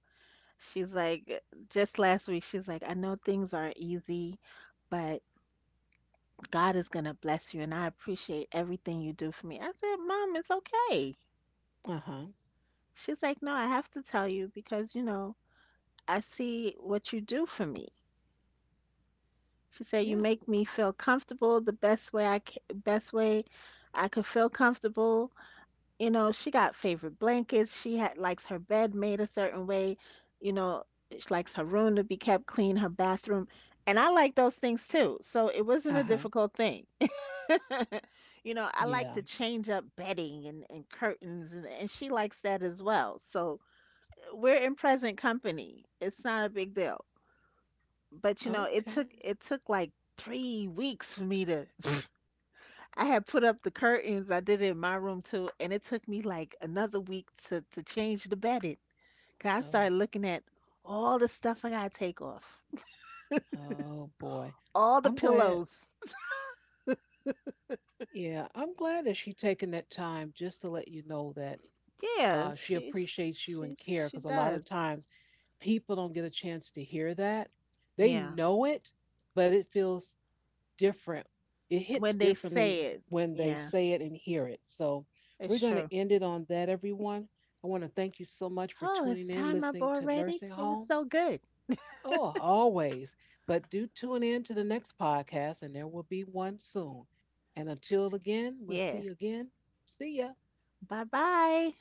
[SPEAKER 2] She's like, just last week, she's like, "I know things aren't easy, but God is going to bless you, and I appreciate everything you do for me." I said, "Mom, it's okay."
[SPEAKER 1] Uh huh.
[SPEAKER 2] She's like, "No, I have to tell you because, you know, I see what you do for me." She said,
[SPEAKER 1] Yeah.
[SPEAKER 2] "You make me feel comfortable the best way I ca- best way I could feel comfortable." You know, she got favorite blankets. She had likes her bed made a certain way. You know, she likes her room to be kept clean, her bathroom. And I like those things too. So it
[SPEAKER 1] Uh
[SPEAKER 2] wasn't a
[SPEAKER 1] huh.
[SPEAKER 2] difficult thing. you know, I
[SPEAKER 1] Yeah.
[SPEAKER 2] like to change up bedding, and, and curtains, and, and she likes that as well. So uh, we're in present company. It's not a big deal. But you know, it
[SPEAKER 1] Okay.
[SPEAKER 2] took it took like three weeks for me to. I had put up the curtains. I did it in my room too, and it took me like another week to to change the bedding. 'Cause I
[SPEAKER 1] Oh,
[SPEAKER 2] started looking at all the stuff I gotta take off,
[SPEAKER 1] oh boy.
[SPEAKER 2] all
[SPEAKER 1] I'm
[SPEAKER 2] the
[SPEAKER 1] glad.
[SPEAKER 2] pillows.
[SPEAKER 1] Yeah. I'm glad that she's taking that time just to let you know that
[SPEAKER 2] Yeah,
[SPEAKER 1] uh, she
[SPEAKER 2] she
[SPEAKER 1] appreciates you and
[SPEAKER 2] she
[SPEAKER 1] care
[SPEAKER 2] she
[SPEAKER 1] because a lot of
[SPEAKER 2] does.
[SPEAKER 1] times people don't get a chance to hear that. They
[SPEAKER 2] Yeah.
[SPEAKER 1] know it, but it feels different. It hits
[SPEAKER 2] When they
[SPEAKER 1] differently
[SPEAKER 2] say it.
[SPEAKER 1] when they
[SPEAKER 2] Yeah,
[SPEAKER 1] say it and hear it. So we're
[SPEAKER 2] it's
[SPEAKER 1] going
[SPEAKER 2] true.
[SPEAKER 1] to end it on that, everyone. I want to thank you so much for
[SPEAKER 2] Oh,
[SPEAKER 1] tuning
[SPEAKER 2] it's
[SPEAKER 1] in,
[SPEAKER 2] time up
[SPEAKER 1] listening to
[SPEAKER 2] already.
[SPEAKER 1] Nursing
[SPEAKER 2] It was so
[SPEAKER 1] Homes.
[SPEAKER 2] good.
[SPEAKER 1] Oh, always. But do tune in to the next podcast, and there will be one soon. And until again, we'll see you
[SPEAKER 2] Yes.
[SPEAKER 1] again. See ya.
[SPEAKER 2] Bye bye.